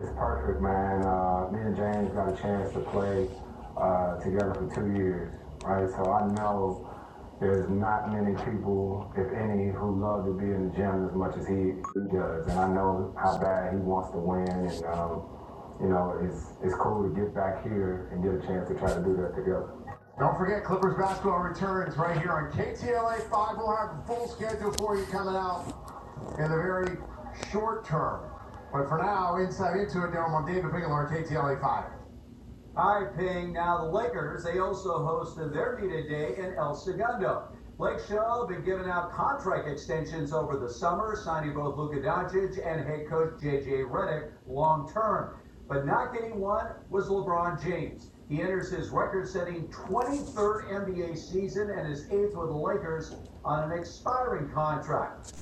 It's perfect, man. Uh, me and James got a chance to play uh, together for two years, right? So I know there's not many people, if any, who love to be in the gym as much as he does. And I know how bad he wants to win. And, um, you know, it's, it's cool to get back here and get a chance to try to do that together. Don't forget, Clippers basketball returns right here on KTLA 5. We'll have the full schedule for you coming out in the very short term. But for now, inside into it, Daryl Monday, David Bigelow, KTLA 5. All right, Ping. Now, the Lakers, they also hosted their meet today in El Segundo. Blake Show been giving out contract extensions over the summer, signing both Luka Doncic and head coach J.J. Redick long term. But not getting one was LeBron James. He enters his record-setting 23rd NBA season and is eighth with the Lakers on an expiring contract.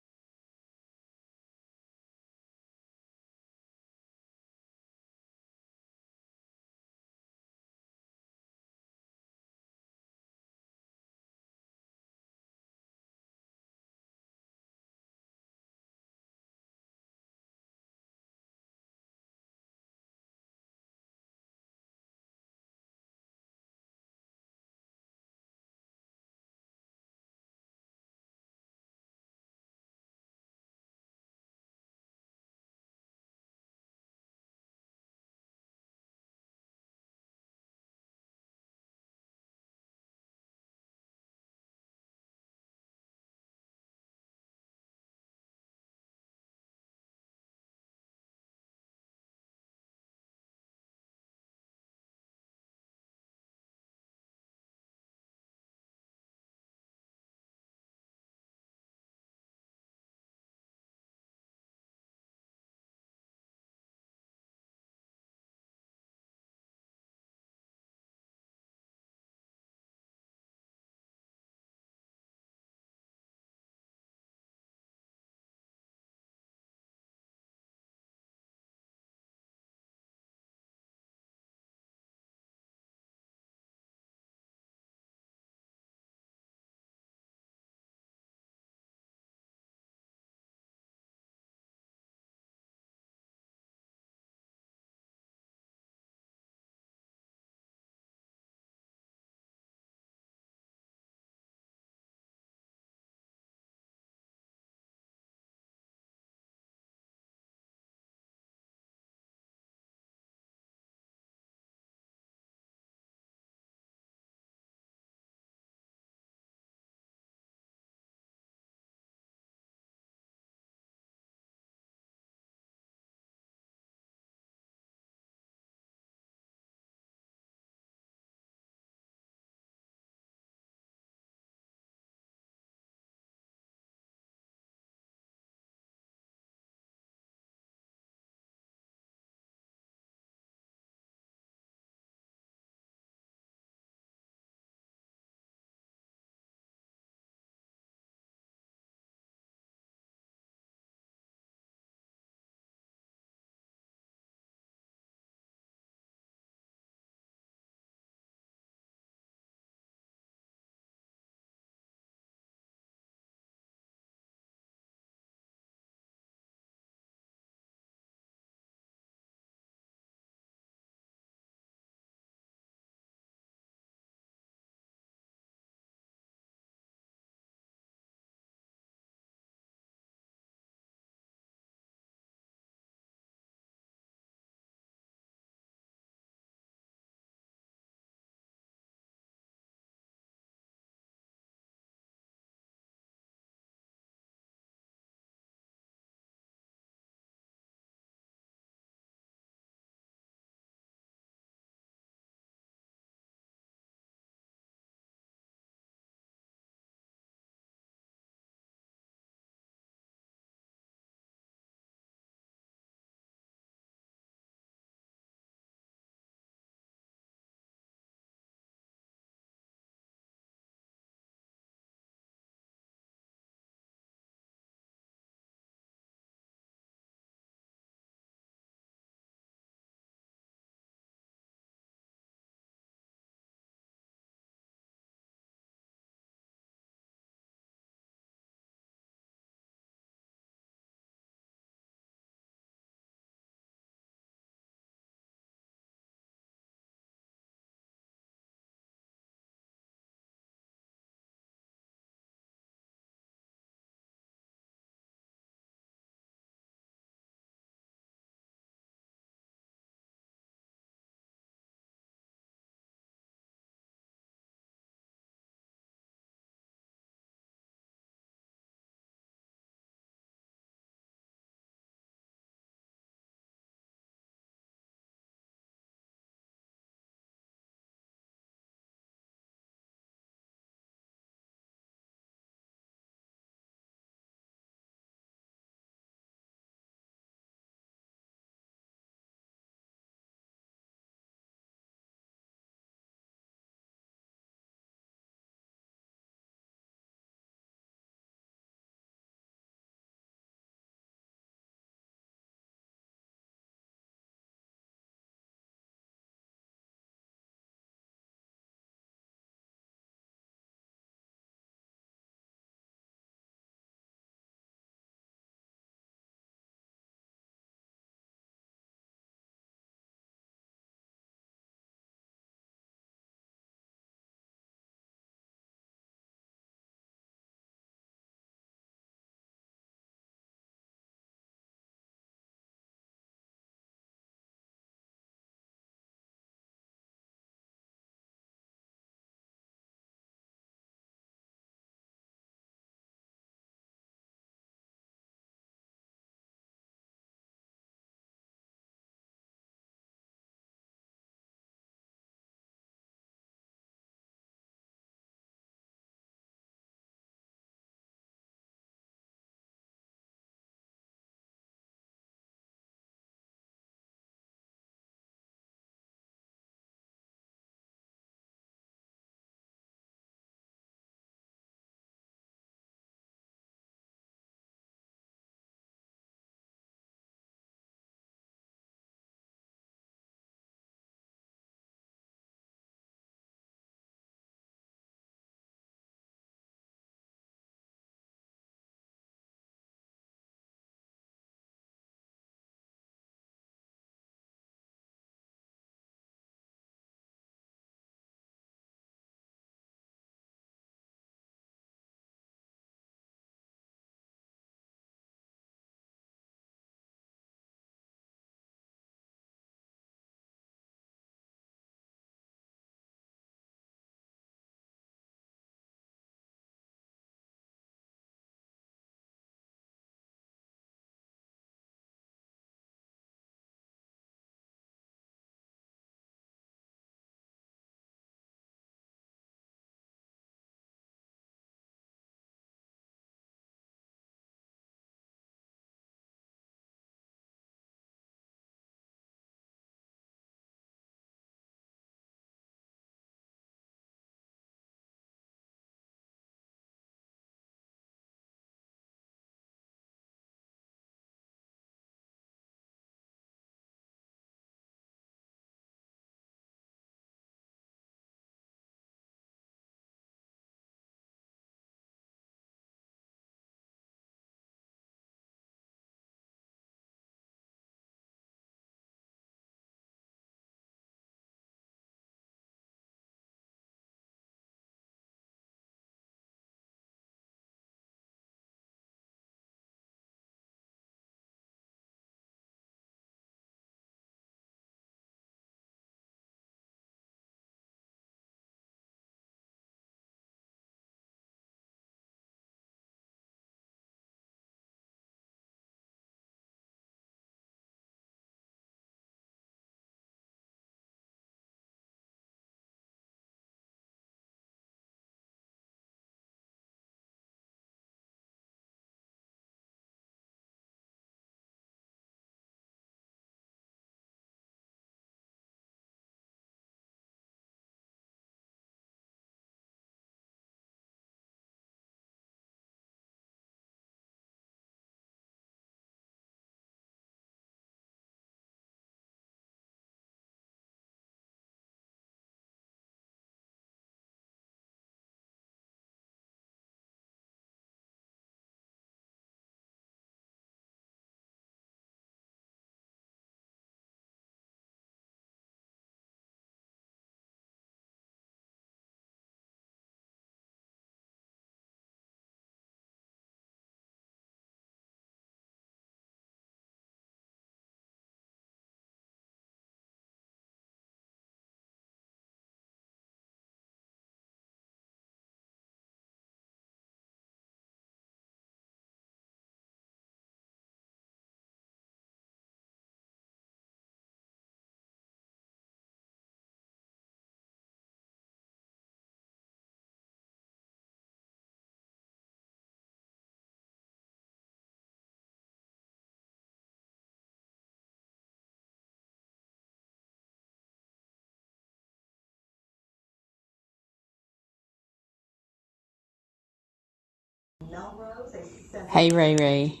Hey, Ray Ray.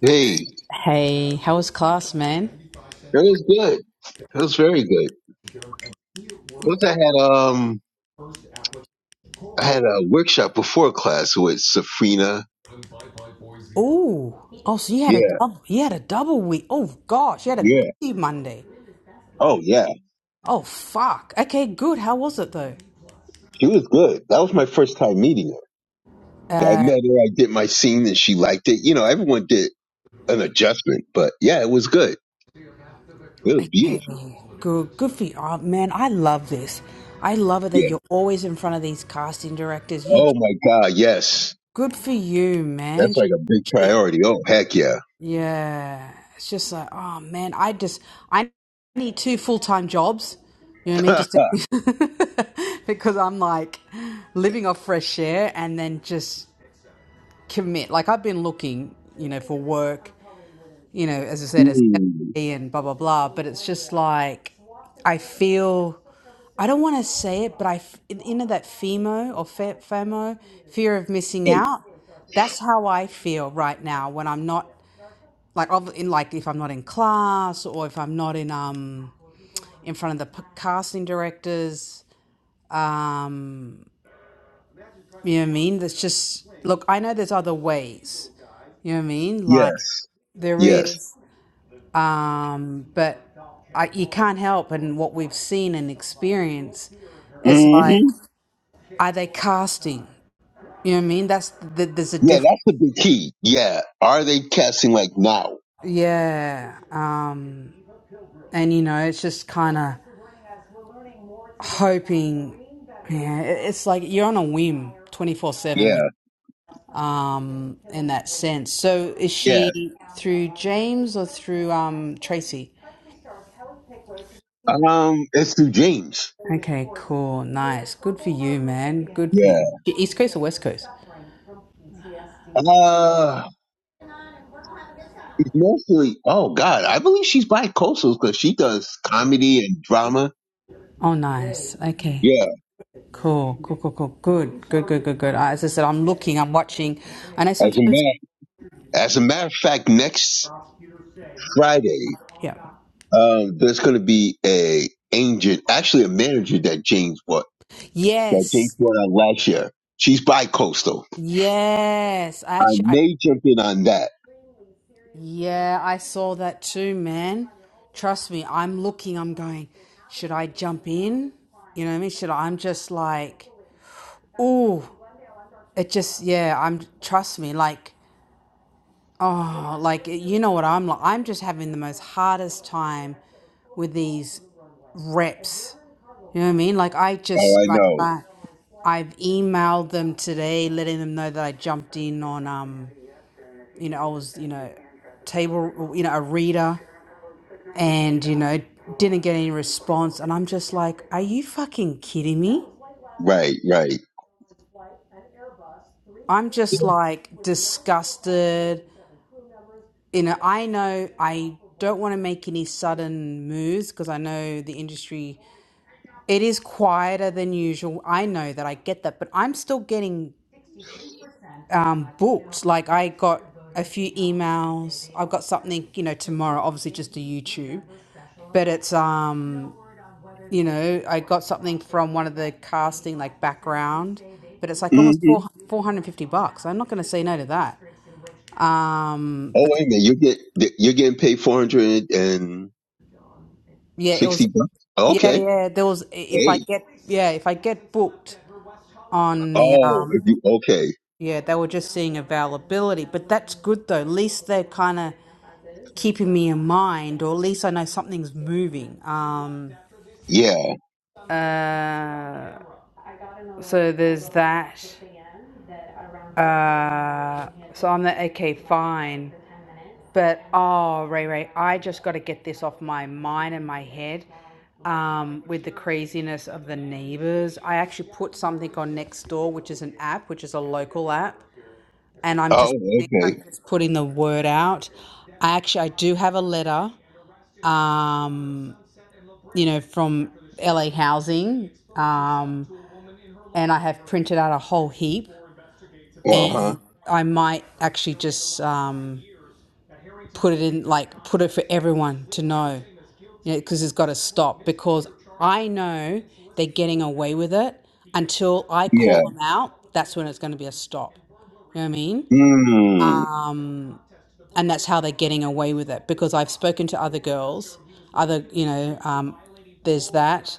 Hey, Hey, how was class, man? that was good. That was very good. Plus, I had um, I had a workshop before class with Safrina. Oh, oh, so you had a Yeah, double, you had a double week. Oh gosh, you had a yeah. busy Monday. Oh, yeah. Oh fuck. Okay, good. How was it though? She was good. That was my first time meeting her. So I Uh, met her. I did my scene, and she liked it. You know, everyone did an adjustment, but yeah, it was good. It was okay, beautiful. good, good for you. Oh man, I love this. I love it that Yeah. you're always in front of these casting directors. You, Oh my God. Yes. good for you, That's man. like a big Shit. priority. Oh heck yeah. Yeah, it's just like, oh man, I just I need two full-time jobs. You know what I mean? Just to, because I'm like living off fresh air and then just commit. Like I've been looking, you know, for work, you know, as I said, as Mm. LA and blah blah blah, but it's just like I feel I don't want to say it, but I f- you know that FEMO or fe- FOMO, fear of missing Hey, out. That's how I feel right now when I'm not like ob- in like if I'm not in class or if I'm not in um in front of the casting directors. Um, you know what I mean? That's just look. I know there's other ways. You know what I mean? Like yes. there Yes. is, um, but I, you can't help. And what we've seen and experienced is hmm like, are they casting? You know what I mean? That's th- there's a Yeah, difference. that's the big key. Yeah. Are they casting like now? Yeah. Um, and you know, it's just kind of hoping. Yeah, it's like you're on a whim, twenty four seven with Yeah, um in that sense. So is yeah. she through James or through um Tracy? Um, it's through James. Okay, cool, nice, good for you, man. Good for you. Yeah. East Coast or West Coast? Uh, it's mostly. Oh God, I believe she's bi-coastal because she does comedy and drama. Oh, nice. Okay. Yeah. Cool, cool, cool, cool. Good, good, good, good, good. As I said, I'm looking, I'm watching. I know As a sometimes, matter, as a matter of fact, next Friday, yeah. um, there's going to be a agent, actually a manager that James bought that James Yes, bought out last year. She's bi-coastal. yes. I I actually, may jump in on that. Yeah, I saw that too, man. Trust me, I'm looking, I'm going, should I jump in? You know what I mean? Should I? I'm just like, ooh, it just, yeah, I'm, trust me, like, oh, like, you know what I'm like? I'm just having the most hardest time with these reps. You know what I mean? Like, I Oh, just, I like, know. I, I've emailed them today, letting them know that I jumped in on, um, you know, I was, you know, table, you know, a reader and you know didn't get any response and i'm just like are you fucking kidding me Right, right. i'm just like disgusted you know i know i don't want to make any sudden moves because i know the industry it is quieter than usual i know that i get that but i'm still getting um, booked like i got a few emails i've got something you know tomorrow obviously just a youtube but it's um you know, I got something from one of the casting like background, but it's like hmm almost four four hundred and fifty bucks. I'm not going to say no to that. Um, Oh, but wait a minute. you get you're getting paid four hundred and. yeah, it 60 was bucks. yeah, Okay. yeah. There was if I Hey. get yeah if I get booked on the Oh, um if you, okay. yeah they were just seeing availability, but that's good though. At least they're kind of keeping me in mind, or at least I know something's moving. Um, Yeah. uh, so there's that. Uh, so I'm like, okay, fine. But oh, Ray Ray, I just got to get this off my mind and my head um, with the craziness of the neighbors. I actually put something on Nextdoor, which is an app, which is a local app, and I'm just Oh, I'm okay. just putting the word out. I actually I do have a letter, um, you know, from LA Housing, um, and I have printed out a whole heap, Uh huh. and I might actually just um, put it in like put it for everyone to know you know, because it's got to stop because I know they're getting away with it until I Yeah. call them out. That's when it's going to be a stop. You know what I mean? Mmm. And that's how they're getting away with it because I've spoken to other girls, other, you know, um, there's that.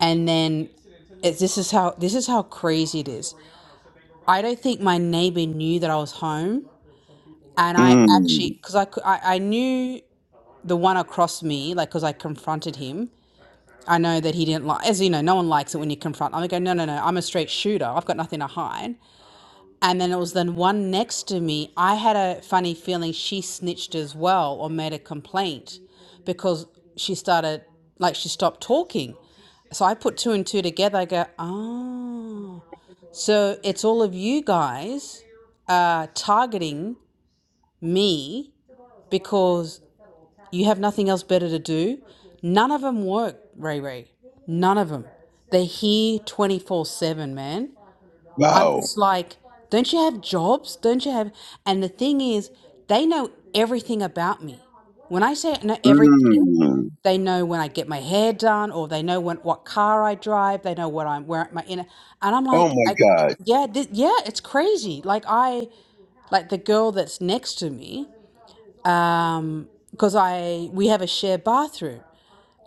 And then it, this is how this is how crazy it is. I don't think my neighbor knew that I was home, and I Mmm. actually because I, cou- I I knew the one across me like because I confronted him, I know that he didn't like, as you know, no one likes it when you confront. I'm go, no, no, no, I'm a straight shooter. I've got nothing to hide. And then it was the one next to me. I had a funny feeling she snitched as well or made a complaint because she started, like, she stopped talking. So I put two and two together. I go, oh, so it's all of you guys uh, targeting me because you have nothing else better to do. None of them work, Ray Ray. None of them. They're here 24 7, man. I'm Wow. just like, don't you have jobs? Don't you have. And the thing is, they know everything about me. When I say know everything, Mmm. they know when I get my hair done, or they know when what car I drive. They know what I'm wearing, my inner. And I'm Oh like, my I, God. yeah, this, yeah, it's crazy. Like I, like the girl that's next to me, because I we have a shared bathroom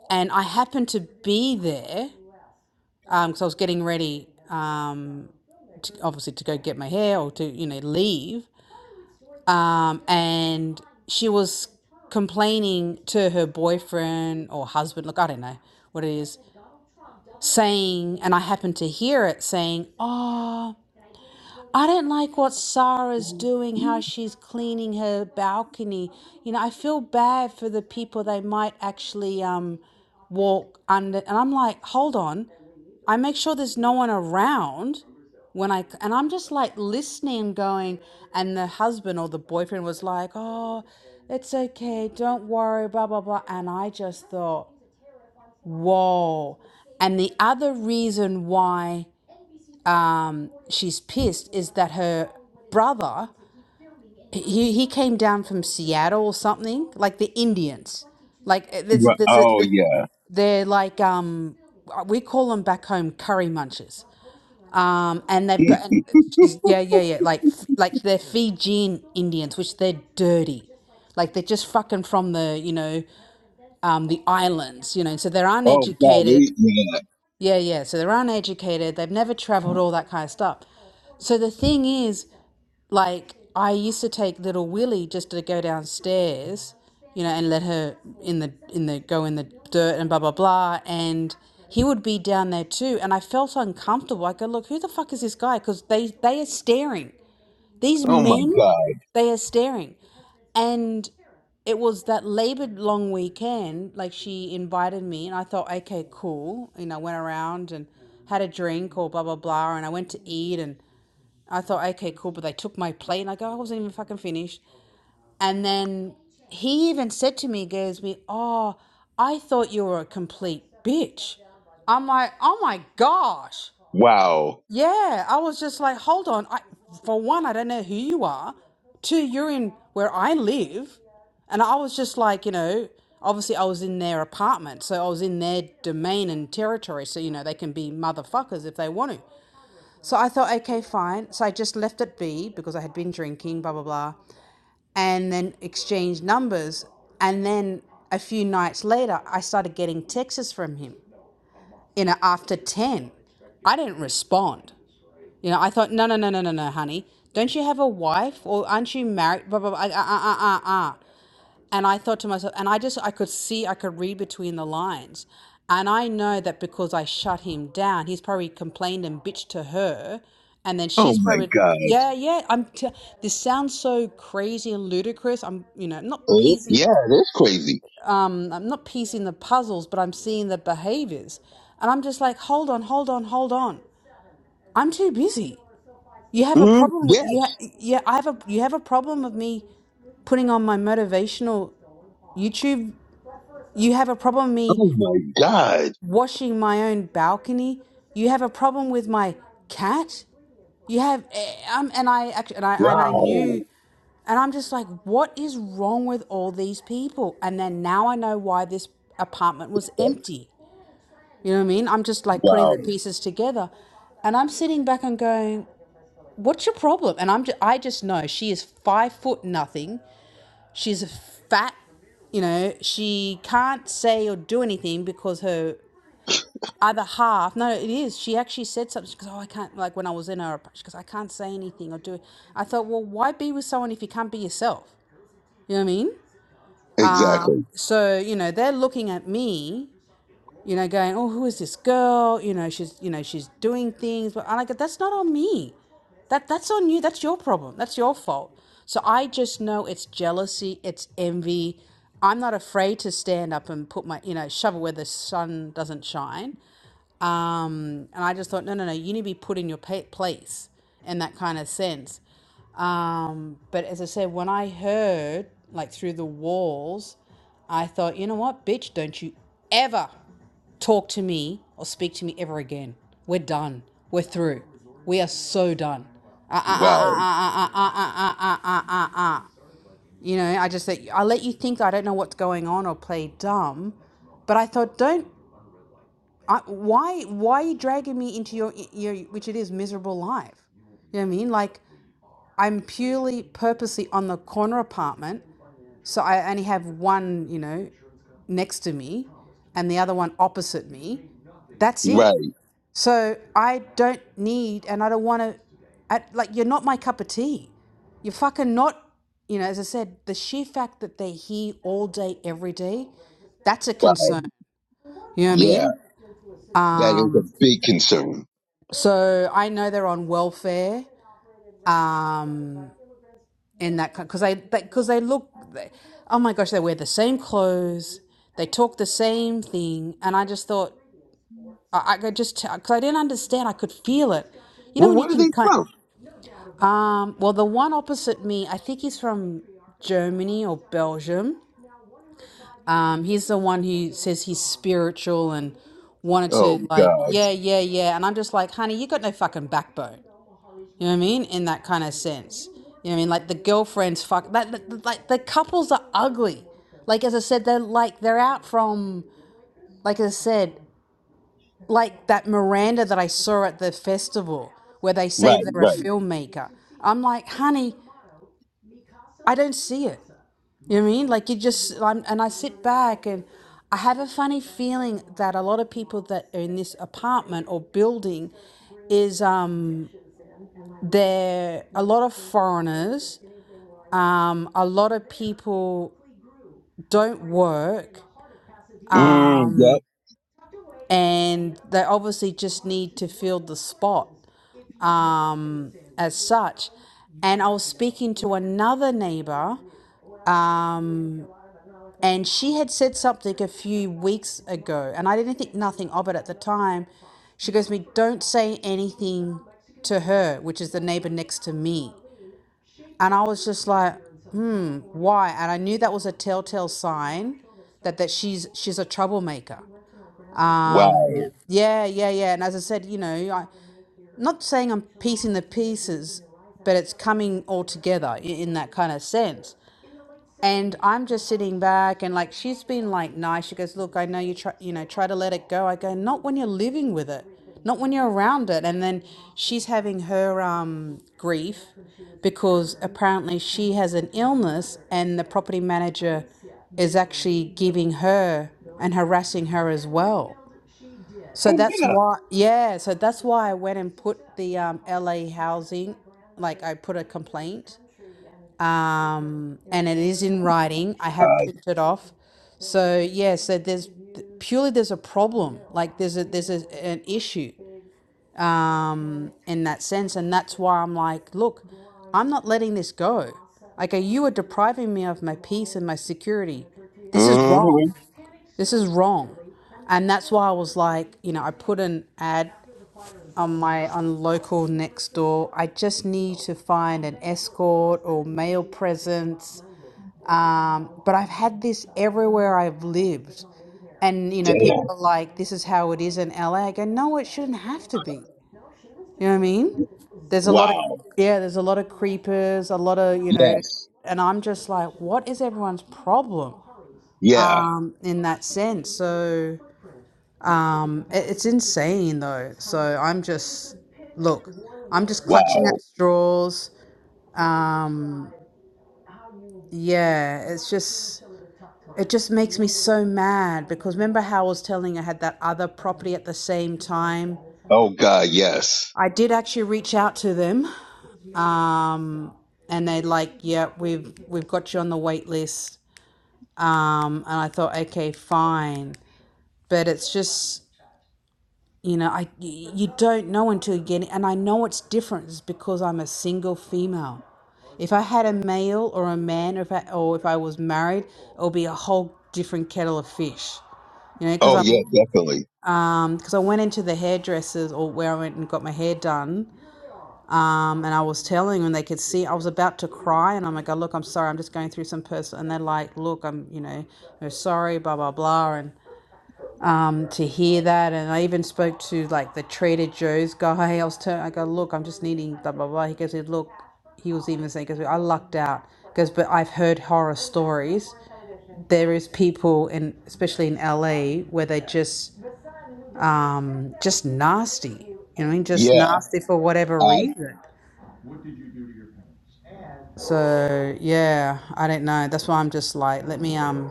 and I happened to be there because um, I was getting ready, um, obviously to go get my hair or to you know leave, um, and she was complaining to her boyfriend or husband. Look, I don't know what it is saying, and I happened to hear it saying, "Oh." I don't like what Sarah's doing, how Ri- she's cleaning her balcony. You know, I feel bad for the people they might actually um, walk under. And I'm like, hold on. I make sure there's no one around when I. And I'm just like listening, going, and the husband or the boyfriend was like, oh, it's okay. Don't worry, blah, blah, blah. And I just thought, whoa. And the other reason why um, she's pissed is that her brother he, he came down from Seattle or something like the Indians like eh, there's there's a, Oh th- yeah. they're like um uh, we call them back home curry munchers um and they've Mm. got and she's yeah yeah yeah like f- like they're Fijian Indians which they're dirty like they're just fucking from the you know um the islands you know so they're Oh God. uneducated They, yeah. yeah yeah so they're uneducated they've never traveled all that kind of stuff so the thing is Like I used to take little Willie just to go downstairs, you know, and let her in the in the go in the dirt and blah blah blah, and he would be down there too, and I felt uncomfortable. I go, look, who the fuck is this guy? Because they they are staring. These Oh my men, God. they are staring, and it was that labored long weekend like she invited me and i thought okay cool you know went around and had a drink or blah blah blah and i went to eat and I thought, okay, cool. But they took my plate, and I go, I wasn't even fucking finished. And then he even said to me, he goes me, oh, I thought you were a complete bitch. I'm like, oh my gosh, Wow. yeah. I was just like, hold on. I, for one, I don't know who you are. Two, you're in where I live, and I was just like, you know, obviously I was in their apartment, so I was in their domain and territory. So you know, they can be motherfuckers if they want to. So I thought, okay, fine. So I just left it be because I had been drinking, blah, blah, blah, and then exchanged numbers. And then a few nights later, I started getting texts from him, you know, after 10. I didn't respond. You know, I thought, no, no, no, no, no, no, honey. Don't you have a wife or aren't you married? Blah, blah, blah, ah, ah, ah, ah. ah." And I thought to myself, and I just, I could see, I could read between the lines. And I know that because I shut him down, he's probably complained and bitched to her. And then Oh she's my probably, God. yeah, yeah. I'm, t- this sounds so crazy and ludicrous. I'm, you know, not Uh, piecing, yeah, that's crazy. I'm not piecing the puzzles, but I'm seeing the behaviors. And I'm just like, hold on, hold on, hold on. I'm too busy. You have a Mm, problem yeah. with you. Ha- yeah, I have a. You have a problem of me putting on my motivational YouTube. You have a problem with me Oh my God. washing my own balcony. You have a problem with my cat. You have, eh, um, and I actually, and I, and I Wow. knew, and I'm just like, what is wrong with all these people? And then now I know why this apartment was empty. You know what I mean? I'm just like putting Wow. the pieces together, and I'm sitting back and going, what's your problem? And I'm, just, I just know she is five foot nothing. She's a fat you know she can't say or do anything because her other half. No, it is. She actually said something. She goes, "Oh, I can't." Like when I was in her, she goes, "I can't say anything or do." it." I thought, well, why be with someone if you can't be yourself? You know what I mean? Uh, Exactly. so you know, they're looking at me you know, going, oh, who is this girl? You know, she's, you know, she's doing things. But I like That's not on me. That that's on you. That's your problem. That's your fault. So I just know it's jealousy. It's envy. I'm not afraid to stand up and put my, you know, shovel where the sun doesn't shine. Um, and I just thought, no, no, no, you need to be put in your place in that kind of sense. Um, but as I said, when I heard like through the walls, I thought, you know what, bitch, don't you ever talk to me or speak to me ever again. We're done. We're through. We are so done. Ah, ah, Wow. ah, ah, ah, ah, ah, ah, ah, ah, ah, ah. ah, ah, ah. You know, I just said, I let you think I don't know what's going on or play dumb, but I thought, don't, I, why, why are you dragging me into your, your, which it is, miserable life? You know what I mean? Like, I'm purely purposely on the corner apartment, so I only have one, you know, next to me and the other one opposite me. That's it. Right. So I don't need, and I don't want to, I, like, you're not my cup of tea. You're fucking not, you know, as I said, the sheer fact that they're here all day, every day, that's a Wow. concern. You know what I Yeah. mean? That is a Um, big concern. so I know they're on welfare, um, and that because they because they, they look, they, oh my gosh, they wear the same clothes, they talk the same thing, and I just thought I, I could just because I didn't understand, I could feel it. You know Well, when you where are can they kind from? of, Um, well, the one opposite me, I think he's from Germany or Belgium. Um, he's the one who says he's spiritual and wanted Oh to like, God. yeah, yeah, yeah. And I'm just like, honey, you got no fucking backbone. You know what I mean? In that kind of sense. You know what I mean? Like the girlfriends, fuck, that, that- like the couples are ugly. Like as I said, they're like they're out from like I said, like that Miranda that I saw at the festival where they say Right, they're a right. filmmaker. I'm like, honey, I don't see it. You know what I mean? Like you just, I'm, and I sit back and I have a funny feeling that a lot of people that are in this apartment or building is um there a lot of foreigners, um a lot of people don't work, Mm, um yep. and they obviously just need to fill the spot um as such. And I was speaking to another neighbor um, and she had said something a few weeks ago and i didn't think nothing of it at the time she goes to me don't say anything to her which is the neighbor next to me and i was just like why and i knew that was a telltale sign that that she's she's a troublemaker um Wow. yeah yeah yeah and as i said you know i not saying i'm piecing the pieces but it's coming all together i- in that kind of sense And I'm just sitting back and like she's been like nice. She goes, "Look, I know you try, you know, try to let it go." I go, "Not when you're living with it. Not when you're around it." And then she's having her um grief because apparently she has an illness and the property manager is actually giving her and harassing her as well. So Oh that's God. why yeah, so that's why I went and put the um LA housing like I put a complaint um, and it is in writing. I have printed off. So yeah, so there's purely there's a problem. Like there's a there's a, an issue in that sense, and that's why I'm like, look, I'm not letting this go. Like, uh, you are depriving me of my peace and my security. This is hmm wrong. This is wrong. And that's why I was like, you know, I put an ad on my on local next door. I just need to find an escort or male presence Um, but I've had this everywhere I've lived. And, you know, people Damn. are like, this is how it is in LA. I go, no, it shouldn't have to be. You know what I mean? There's a lot of, Wow. yeah, there's a lot of creepers, a lot of, you know, Yes. and I'm just like, what is everyone's problem Yeah. um, in that sense? So um, it, it's insane, though. So I'm just, look, I'm just clutching Wow. at straws. Um, yeah, it's just It just makes me so mad because remember how I was telling I had that other property at the same time? Oh God. Yes. I did actually reach out to them. Um, and they're like, yeah, we've we've got you on the wait list. Um, and I thought, okay, fine. But it's just, you know, I you don't know until you get it. And I know it's different it's because I'm a single female. If I had a male or a man, or if I, or if I was married, it would be a whole different kettle of fish you know because Oh i'm yeah. Definitely. because um, I went into the hairdressers or where I went and got my hair done, um, and I was telling them they could see I was about to cry, and I'm like, oh, look, I'm sorry, I'm just going through some person, and they're like, look, I'm, you know, we're sorry, blah blah blah, and um, to hear that, and I even spoke to like the Trader Joe's guy. I was, telling, I go, look, I'm just needing blah blah blah. He goes, look, he was even saying, because I lucked out, because but I've heard horror stories. There is people, in especially in LA, where they just um, just nasty. You know, what I mean, just Yeah. nasty for whatever I. reason. So yeah, I don't know. That's why I'm just like, let me. Um,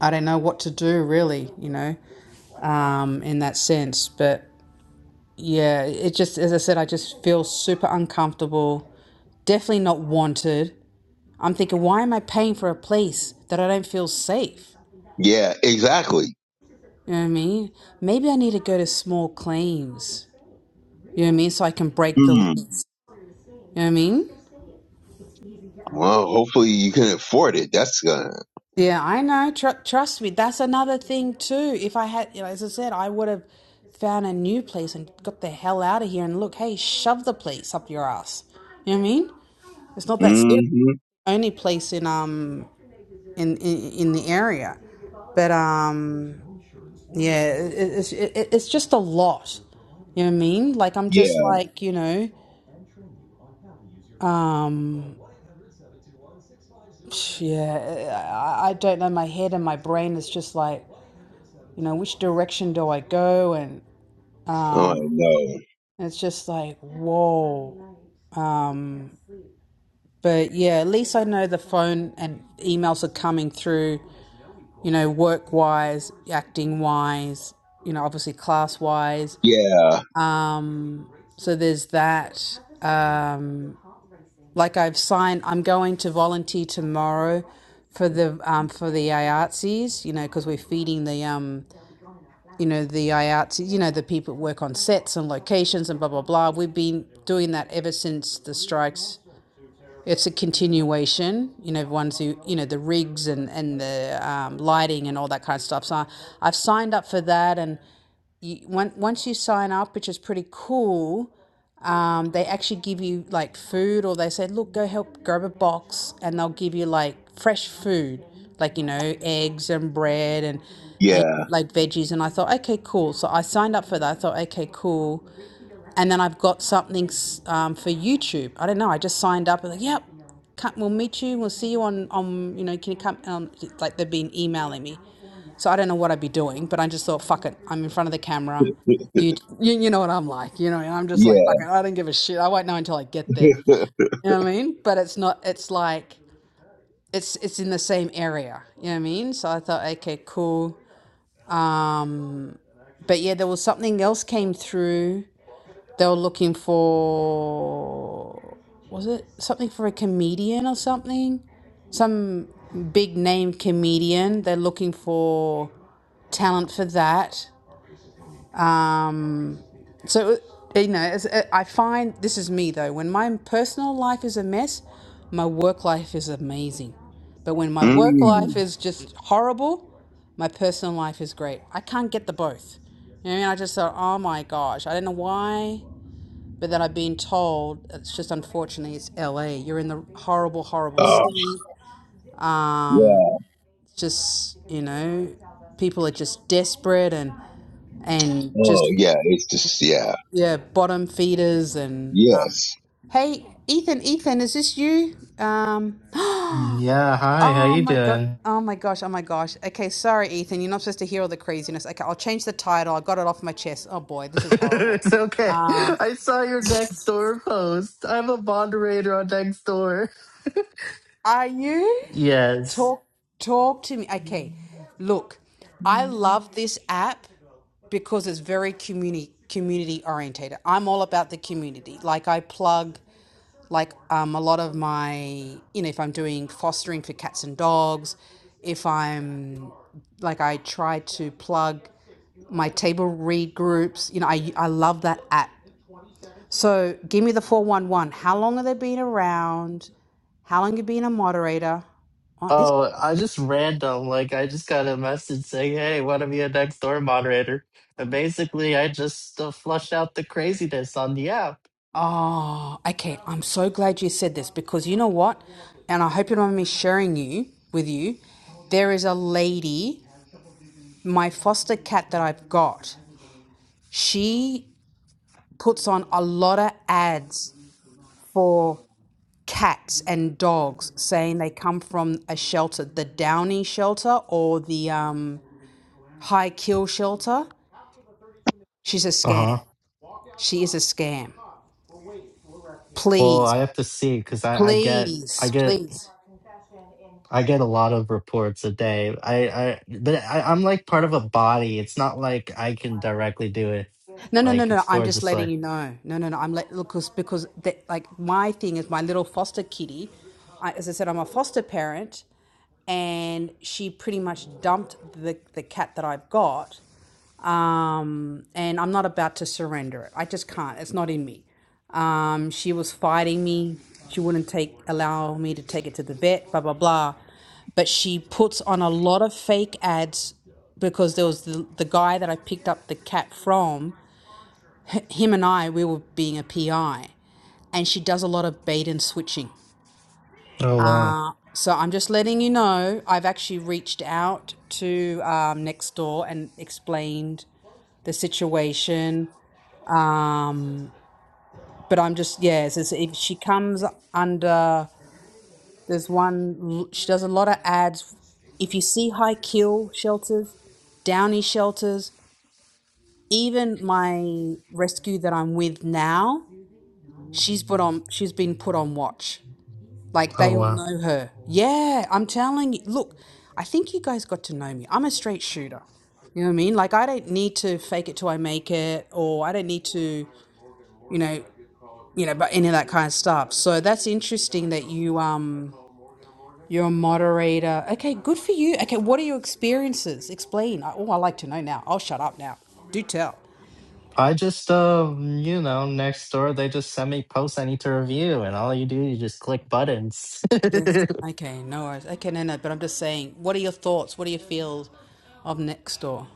I don't know what to do really. You know, um, in that sense. But yeah, it just as I said, I just feel super uncomfortable. Definitely not wanted. I'm thinking, why am I paying for a place that I don't feel safe? Yeah. Exactly. You know what I mean? Maybe I need to go to small claims. You know what I mean? So I can break the Mm. lease. You know what I mean? Well, hopefully you can afford it. That's gonna. Yeah, I know. Tr- trust me, that's another thing too. If I had, you know, as I said, I would have found a new place and got the hell out of here. And look, hey, shove the place up your ass. You know what I mean? It's not that hmm serious. Only place in um in in, in the area, but um yeah, it, it's it, it's just a lot. You know what I mean? Like I'm Yeah. just like you know um yeah I, I don't know. My head and my brain is just like you know which direction do I go and Oh, I Um, know. it's just like, whoa. Um, but yeah, at least I know the phone and emails are coming through, you know, work wise, acting wise, you know, obviously class wise. Yeah. Um, so there's that. Um, like I've signed, I'm going to volunteer tomorrow for the um, for the IATSEs, you know, because we're feeding the um, you know, the IATSE, you know, the people who work on sets and locations and blah, blah, blah. We've been doing that ever since the strikes. It's a continuation, you know, ones who, you know, the rigs and, and the um, lighting and all that kind of stuff. So I've signed up for that and once you sign up, which is pretty cool, um, they actually give you like food, or they say, look, go help grab a box, and they'll give you like fresh food, like you know, eggs and bread and and Yeah. like veggies. And I thought, okay, cool. So I signed up for that. I thought, okay, cool. And then I've got something um, for YouTube. I don't know. I just signed up. And like, yep, come, we'll meet you. We'll see you on on you know, can you come? Um, like they've been emailing me. So I don't know what I'd be doing, but I just thought, fuck it, I'm in front of the camera. You, you, you know what I'm like, you know, and I'm just like, Yeah. fuck it, I don't give a shit. I won't know until I get there. You know what I mean? But it's not, it's like, it's it's in the same area. You know what I mean? So I thought, okay, cool. Um, but yeah, there was something else came through. They were looking for, was it something for a comedian or something? Some big name comedian. They're looking for talent for that. Um, so, you know, it's, it, I find this is me though. When my personal life is a mess, my work life is amazing. But when my work mm. life is just horrible, my personal life is great. I can't get the both. You know, what I mean, I just thought, oh my gosh, I don't know why, but then I've been told it's just unfortunately it's LA. You're in the horrible, horrible Oh. city. yeah. Um, just you know, people are just desperate and and Oh just yeah, it's just yeah, yeah, bottom feeders and um yes, hey Ethan, Ethan, is this you? Um Yeah, hi, how Oh you my god. doing? Oh my gosh, oh my gosh. Okay, sorry Ethan, you're not supposed to hear all the craziness. Okay, I'll change the title. I got it off my chest. Oh boy, this is horrible. it's okay. Um I saw your next door post. I'm a moderator on next door. are you Yes. talk talk to me. Okay. Look, I love this app because it's very community community orientated. I'm all about the community. Like I plug Like um, a lot of my, you know, if I'm doing fostering for cats and dogs, if I'm like I try to plug my table read groups, you know, I I love that app. So give me the four one one. How long have they been around? How long have you been a moderator? Oh, this. Oh, I just random. Like I just got a message saying, "Hey, want to be a next door moderator?" And basically, I just uh, flushed out the craziness on the app. Oh, okay. I'm so glad you said this because you know what, and I hope you don't mind me sharing you with you. There is a lady, my foster cat that I've got. She puts on a lot of ads for cats and dogs, saying they come from a shelter, the Downy shelter or the um, High Kill shelter. She's a Uh huh. scam. She is a scam. Well, Please, I have to see because I, I get I please, get please. I get a lot of reports a day. I, I, but I, I'm like part of a body. It's not like I can directly do it. No, no, no, Like no. it's I'm more just just like, letting you know. No, no, no. I'm let look 'cause- because the, like my thing is my little foster kitty. I, as I said, I'm a foster parent, and she pretty much dumped the the cat that I've got um, and I'm not about to surrender it. I just can't. It's not in me. Um, she was fighting me. She wouldn't take allow me to take it to the vet. Blah blah blah. But she puts on a lot of fake ads because there was the, the guy that I picked up the cat from. Him and I, we were being a PI, and she does a lot of bait and switching. oh wow, So I'm just letting you know I've actually reached out to um, next door and explained the situation. Um, but I'm just yeah. It's, it's, if she comes under, there's one. She does a lot of ads. If you see high kill shelters, downy shelters, even my rescue that I'm with now, she's put on. She's been put on watch. Like oh they all wow. know her. Yeah, I'm telling you. Look, I think you guys got to know me. I'm a straight shooter. You know what I mean? Like I don't need to fake it till I make it, or I don't need to, you know. you know, but any of that kind of stuff. So that's interesting that you um you're a moderator. Okay, good for you. Okay, what are your experiences? Explain. Oh, I like to know now. I'll shut up now. Do tell. I just, uh, you know, next door they just send me posts I need to review, and all you do you just click buttons. Yes. Okay, no worries. Okay, no, no, but I'm just saying, what are your thoughts? What do you feel of next door?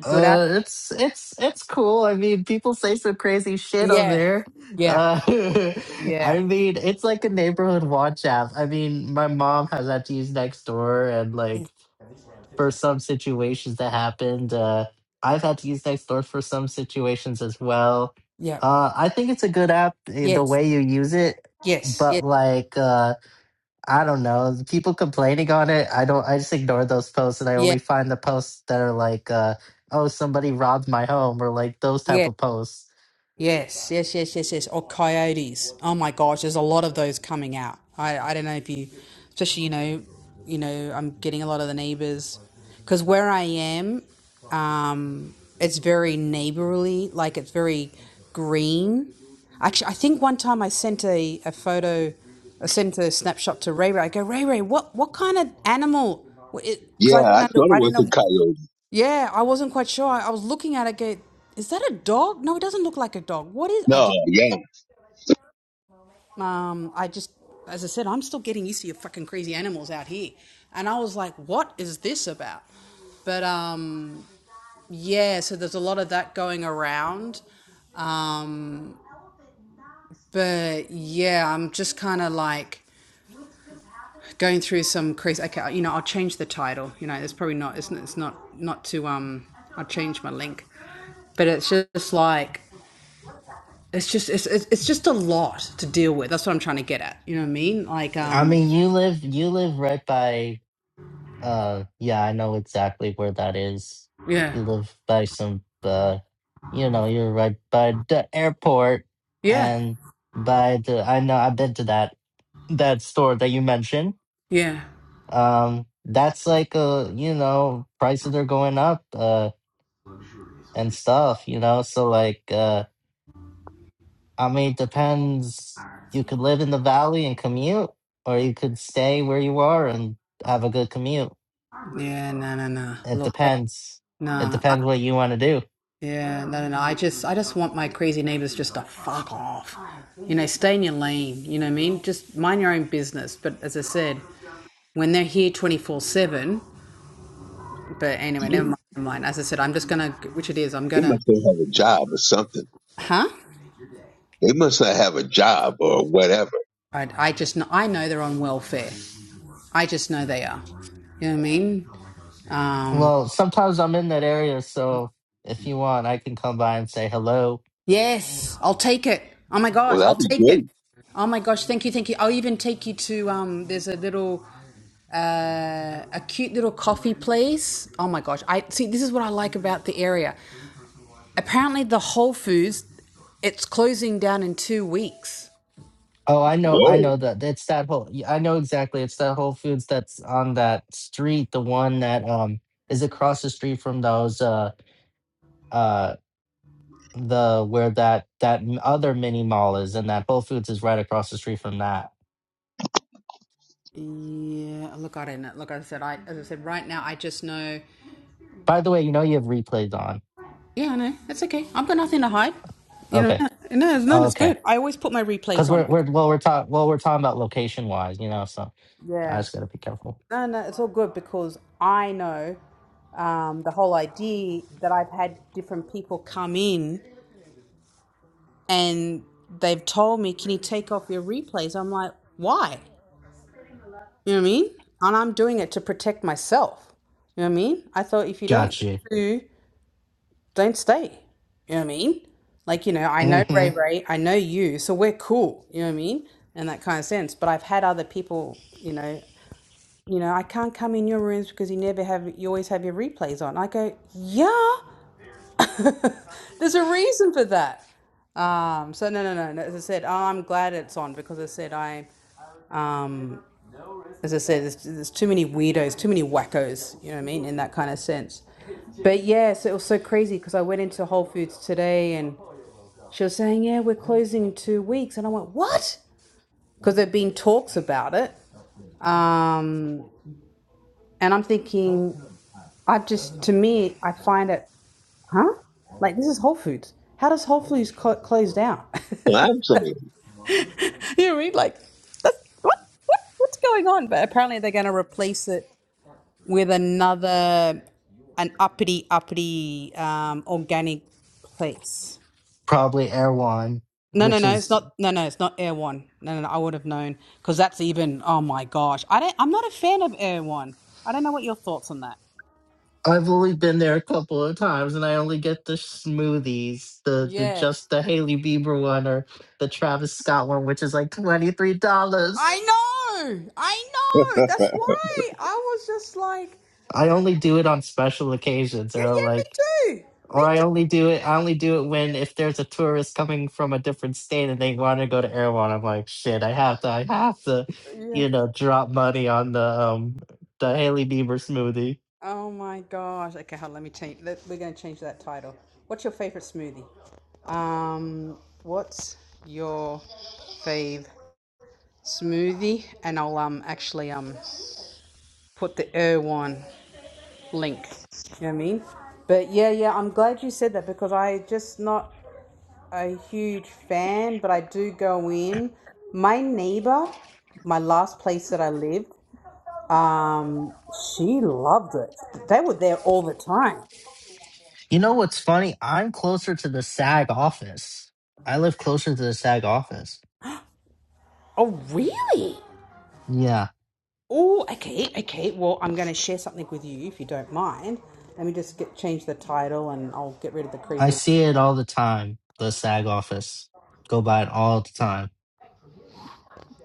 Good app? it's it's it's cool. I mean, people say some crazy shit on Yeah. there. Yeah. Uh, Yeah. I mean, it's like a neighborhood watch app. I mean, my mom has that to use next door, and Yes. like. for some situations that happened. Uh, I've had to use Nextdoor for some situations as well. Yeah. Uh, I think it's a good app eh, the Yes. way you use it, Yes. Yes. but like uh, I don't know, people complaining on it. I don't. I just ignore those posts, and I Yeah. only find the posts that are like, uh, "Oh, somebody robbed my home," or like those type Yes. of posts. Yes, yes, yes, yes, yes. Or coyotes. Oh my gosh, there's a lot of those coming out. I, I don't know if you, especially you know, you know, I'm getting a lot of the neighbors, because where I am, um, it's very neighborly. Like it's very green. Actually, I think one time I sent a, a photo, I sent a snapshot to Ray Ray. I go, Ray Ray, what what kind of animal? Because yeah. I didn't I know, thought it I didn't was a know. coyote. Yeah, I wasn't quite sure. I, I was looking at it. Go, is that a dog? No, it doesn't look like a dog. What is? I No, just, yeah, um, I just, as I said, I'm still getting used to your fucking crazy animals out here, and I was like, what is this about? But um, yeah, so there's a lot of that going around. Um, but yeah, I'm just kind of like going through some crazy. Okay, you know, I'll change the title. You know, it's probably not. It's, it's not not to um. I'll change my link, but it's just like it's just it's it's just a lot to deal with. That's what I'm trying to get at. You know what I mean? Like I um mean, you live you live right by Uh, yeah, I know exactly where that is. yeah. You live by some, uh, you know, you're right by the airport Yeah. and by the. I know I've been to that that store that you mentioned. Yeah. Um, that's like uh, you know, prices are going up, uh, and stuff. You know, so like, uh, I mean, it depends. You could live in the valley and commute, or you could stay where you are and have a good commute. Yeah, no no no. It Look, hey, depends. It nah. I, depends what you want to do. yeah, no no no. I just I just want my crazy neighbors just to fuck off. You know, stay in your lane, you know what I mean? Just mind your own business. But as I said, when they're here 24/7, but anyway, they never mind, never mind. As I said, I'm just going to which it is, I'm going to must not have a job or something. Huh? They must not have a job or whatever. I I just kn- I know they're on welfare. I just know they are. You know what I mean? Um, Well, sometimes I'm in that area, so if you want, I can come by and say hello. yes, I'll take it. Oh my Well, gosh, that'd I'll be take it. great. Oh my gosh, thank you, thank you. I'll even take you to um, there's a little uh, a cute little coffee place. Oh my gosh, I see. This is what I like about the area. Apparently, the Whole Foods it's closing down in two weeks. Oh, I know, I Whoa, know that it's that whole. y- I know exactly. It's that Whole Foods that's on that street, the one that um is across the street from those uh uh the where that that m- other mini mall is, and that Whole Foods is right across the street from that. Yeah, look, I don't know. Look, I said, I as I said, right now, I just know. By the way, you know you have replays on. Yeah, I know. That's okay. I've got nothing to hide. You know, Okay, no, no, it's- no, oh, it's okay, good. I always put my because replays on. we're we're Because, well we're talking well we're talking about location wise, you know. So I yeah. just gotta be careful. No, no, it's all good because I know um, the whole idea that I've had different people come in and they've told me, can you take off your replays? I'm like, why? You know what I mean? And I'm doing it to protect myself. You know what I mean? I thought if you don't want Gotcha. to, don't stay. You know what I mean? Like, you know, I know hmm Ray Ray, I know you, so we're cool, you know what I mean? In that kind of sense. But I've had other people, you know, you know, I can't come in your rooms because you never have you always have your replays on. I go, Yeah. There's a reason for that. Um, so no, no, no, no. As I said, oh, I'm glad it's on because I said I, um, as I said, there's, there's too many weirdos, too many wackos. You know what I mean in that kind of sense. But yes, it was so crazy because I went into Whole Foods today and. She was saying, "Yeah, we're closing in two weeks," and I went, "What?" Because there have been talks about it, um, and I'm thinking, I just to me, I find it, huh? Like this is Whole Foods. How does Whole Foods cl- close down? And I'm saying, you know what I mean? Like that's, what, what what's going on? But apparently they're going to replace it with another an uppity uppity um, organic place. probably Erewhon, No, no, which no. It's is not. No, no. It's not Air One. No, no. no I would have known because that's even. Oh my gosh. I don't. I'm not a fan of Air One. I don't know what your thoughts on that. I've only been there a couple of times, and I only get the smoothies, the the Yeah. just the Haley Bieber one or the Travis Scott one, which is like twenty three I dollars. know. I know. That's why I was just like, I only do it on special occasions, yeah, or like, yeah, me too. Me or I only do it. I only do it when if there's a tourist coming from a different state and they want to go to Erewhon, I'm like, shit, I have to, I have to, too. Yeah. you know, drop money on the um the Haley Bieber smoothie. Oh my gosh. Okay, hold on, let me change. Let, we're going to change that title. What's your favorite smoothie? Um, what's your fave smoothie? And I'll um actually um put the air one. link. You know what I mean? But yeah, yeah, I'm glad you said that because I just not a huge fan, but I do go in. My neighbor, my last place that I lived, um, she loved it. They were there all the time. You know what's funny? I'm closer to the SAG office. I live closer to the SAG office. Oh, really? Yeah, Oh, okay, okay. Well, I'm going to share something with you if you don't mind. Let me just get change the title and I'll get rid of the I crazy see it all the time. The SAG office. Go by it all the time.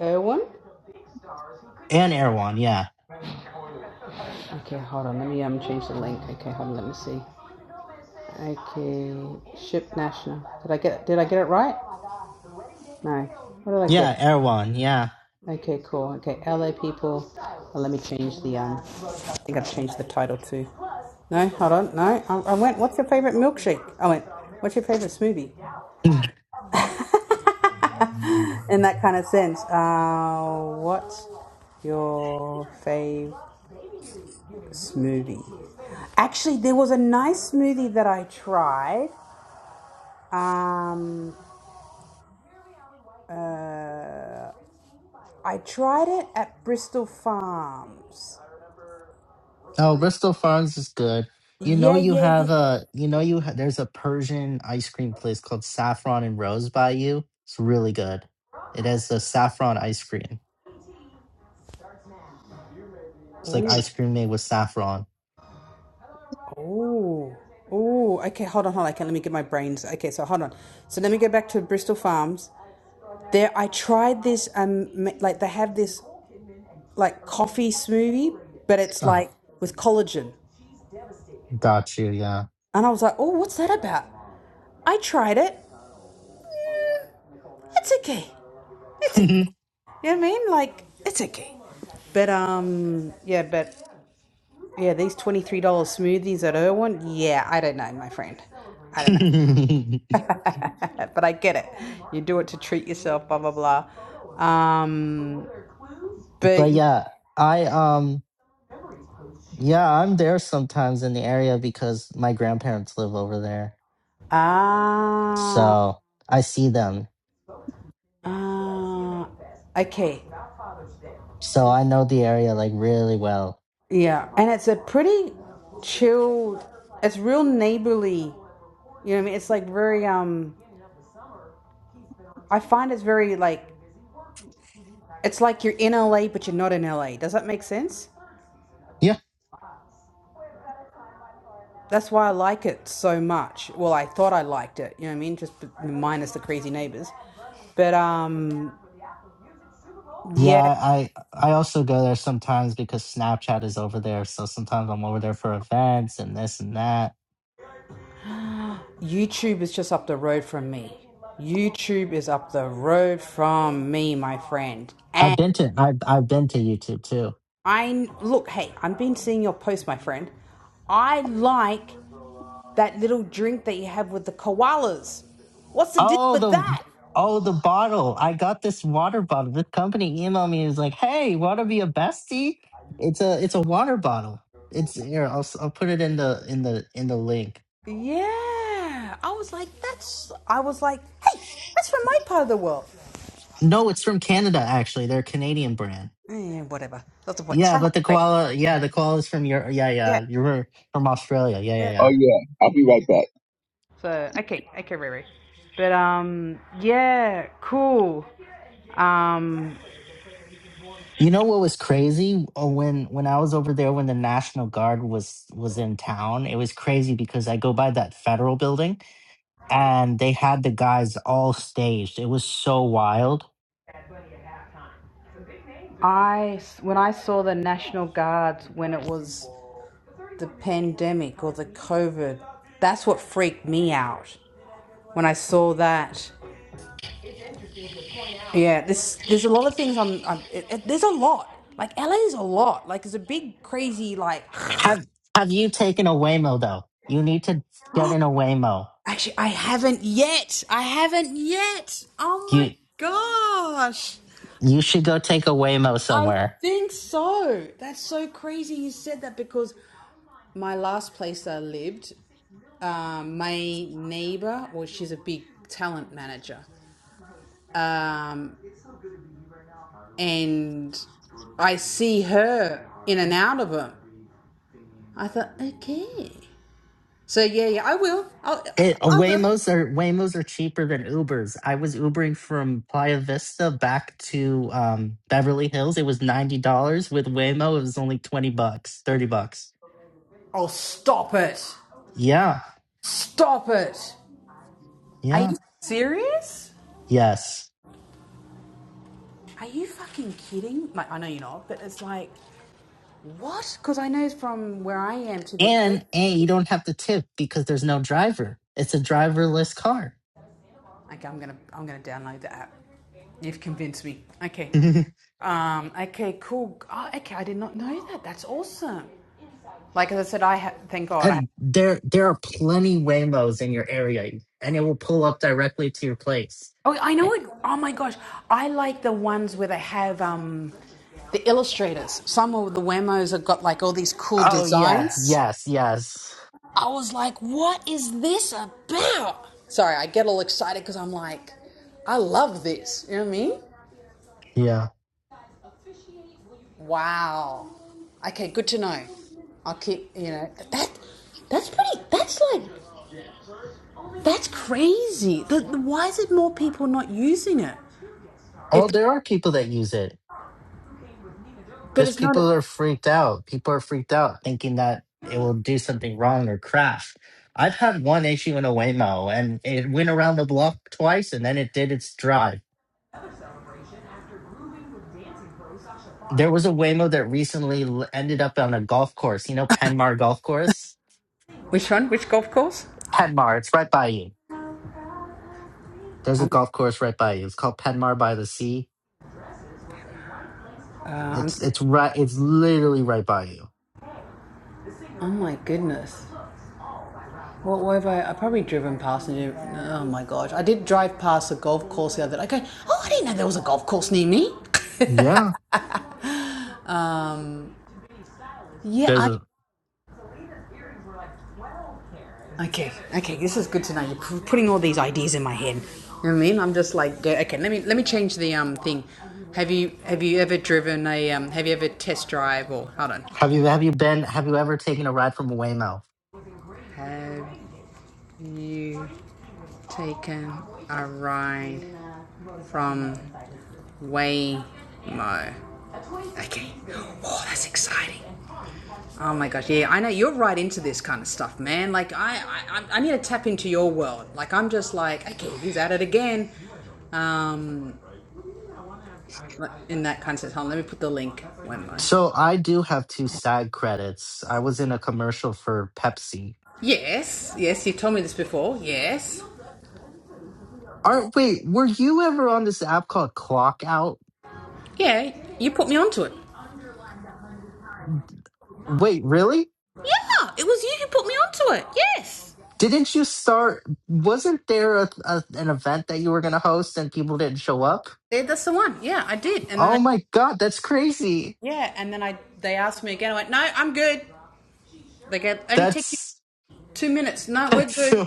Irwin. And Erewhon, yeah. Okay, hold on. Let me um change the link. Okay, hold on. Let me see. Okay, ship national. Did I get did I get it right? No. What did I get? Yeah, Erewhon, yeah. Okay, cool. Okay, LA people. Oh, let me change the um. I think I've changed the title too. No, hold on. No, I, I went. What's your favorite milkshake? I went. What's your favorite smoothie? In that kind of sense. Uh, what's your favorite smoothie? Actually, there was a nice smoothie that I tried. Um, Uh. I tried it at Bristol Farms. oh, Bristol Farms is good. You know Yeah, you yeah, have yeah. a, you know you ha- there's a Persian ice cream place called Saffron and Rose by you. It's really good. It has the saffron ice cream. It's like Ooh, ice cream made with saffron. ooh, ooh. Okay, hold on, hold on. Okay, let me get my brains. Okay, so hold on. So let me go back to Bristol Farms. There, I tried this. Um, m- like they have this like coffee smoothie, but it's Oh, like with collagen. got you, yeah. And I was like, oh, what's that about? I tried it. It's okay. It's okay. You know what I mean? Like, it's okay. But um, yeah, but Yeah, these $23 smoothies at Irwin. Yeah, I don't know, my friend. I don't know. but I get it. You do it to treat yourself, blah, blah, blah. Um, but, but yeah, I um yeah, I'm there sometimes in the area because my grandparents live over there. ah, So I see them. ah, okay. So I know the area like really well. Yeah. And it's a pretty chill, it's real neighborly. You know what I mean? It's like very, um, I find it's very like, it's like you're in LA, but you're not in LA. Does that make sense? Yeah. That's why I like it so much. Well, I thought I liked it, you know what I mean? Just minus the crazy neighbors. But um, Yeah, yeah, I I also go there sometimes because Snapchat is over there. So sometimes I'm over there for events and this and that. YouTube is just up the road from me. YouTube is up the road from me, my friend. I've And been to I've I've been to YouTube too. I look, hey, I've been seeing your post, my friend. I like that little drink that you have with the koalas. What's the deal Oh, with the that? oh the bottle. I got this water bottle. The company emailed me and was like, "Hey, want to be a bestie? It's a it's a water bottle. It's here. I'll s- I'll put it in the in the in the link. Yeah, I was like, that's. I was like, hey, that's from my part of the world. No, it's from Canada actually. They're a Canadian brand. Yeah, but the koala. Yeah, the koala's from your. Yeah, Yeah. yeah. You're right, from Australia. Yeah, yeah, oh yeah. yeah, I'll be right back. So okay, okay, Riri. But um, yeah, cool. Um, You know what was crazy Uh, when when I was over there when the National Guard was was in town? It was crazy because I go by that federal building and they had the guys all staged. It was so wild. I when I saw the National Guards when it was the pandemic or the COVID, that's what freaked me out when I saw that. Yeah, this there's a lot of things. I'm, I'm it, it- there's a lot. Like LA is a lot. Like it's a big crazy like. Have Have you taken a Waymo though? You need to get in a Waymo. Actually, I haven't yet. I haven't yet. Oh my You gosh. You should go take a Waymo I somewhere. think so. That's so crazy you said that because my last place that I lived, um, my neighbor, well, she's a big talent manager. Um, and I see her in and out of them. I thought, okay. So, yeah, yeah, I will. I'll, It, uh, I will. Waymos are Waymos are cheaper than Ubers. I was Ubering from Playa Vista back to um, Beverly Hills. It was ninety dollars with Waymo. It was only twenty bucks, thirty bucks. Oh, stop it. Yeah, Stop it. Are yeah, you serious? yes. Are you fucking kidding? Like, I know you're not, but it's like. What? Because I know from where I am to the. And Okay, and you don't have to tip because there's no driver. It's a driverless car. I'm gonna I'm gonna download the app. You've convinced me. Okay. Mhm. Um. Okay. Cool. Oh, okay. I did not know that. That's awesome. Like as I said, I ha- thank God. I ha and there there are plenty Waymos in your area, and it will pull up directly to your place. oh I know it. Oh my gosh. I like the ones where they have um, the illustrators. Some of the Wemos have got like all these cool Oh yeah, designs. yes, yes, I was like, what is this about? Sorry, I get all excited because I'm like, I love this. You know what I mean? yeah. Wow. Okay, good to know. I'll keep, you know, that that's pretty that's like that's crazy. The, the- why is it more people not using it? Oh, If there are people that use it. but Just it's not people are freaked out. People are freaked out thinking that it will do something wrong or crash. I've had one issue in a Waymo, and it went around the block twice, and then it did its drive. There was a Waymo that recently l- ended up on a golf course. You know, Penmar Golf Course. Which one? Which golf course? Penmar, it's right by you There's a Um, golf course right by you. It's called Penmar by the Sea. uh, I'm It's thinking, it's right. It's literally right by you. oh my goodness. What, what have I? I probably driven past and oh my gosh. I did drive past a golf course the other day. I go, oh, I didn't know there was a golf course near me. Yeah. Yeah, There's I a. Okay, okay, this is good to know. You're putting all these ideas in my head. You know what I mean? I'm just like, yeah, okay, let me let me change the um thing. Have you have you ever driven a um? Have you ever test drive or hold on? Have you have you been have you ever taken a ride from Waymouth? Have you taken a ride from Waymo? Okay. Oh, that's exciting. Oh my gosh, yeah, I know you're right into this kind of stuff, man. Like I, I, I need to tap into your world. Like I'm just like, okay, he's at it again. Um, in that concert home. Let me put the link one more. So I do have two SAG credits. I was in a commercial for Pepsi. Yes, yes, you told me this before. Yes. Are wait, were you ever on this app called Clock Out? Yeah, you put me onto it. Wait, really? Yeah, it was you who put me onto it. Yes. Didn't you start? Wasn't there a, a, an event that you were going to host and people didn't show up? Yeah, that's the one. Yeah, I did. And then Oh they, my god, that's crazy. yeah, and then I they asked me again. I went, no, I'm good. They go, only take you That's two minutes. No, we're that's good. so.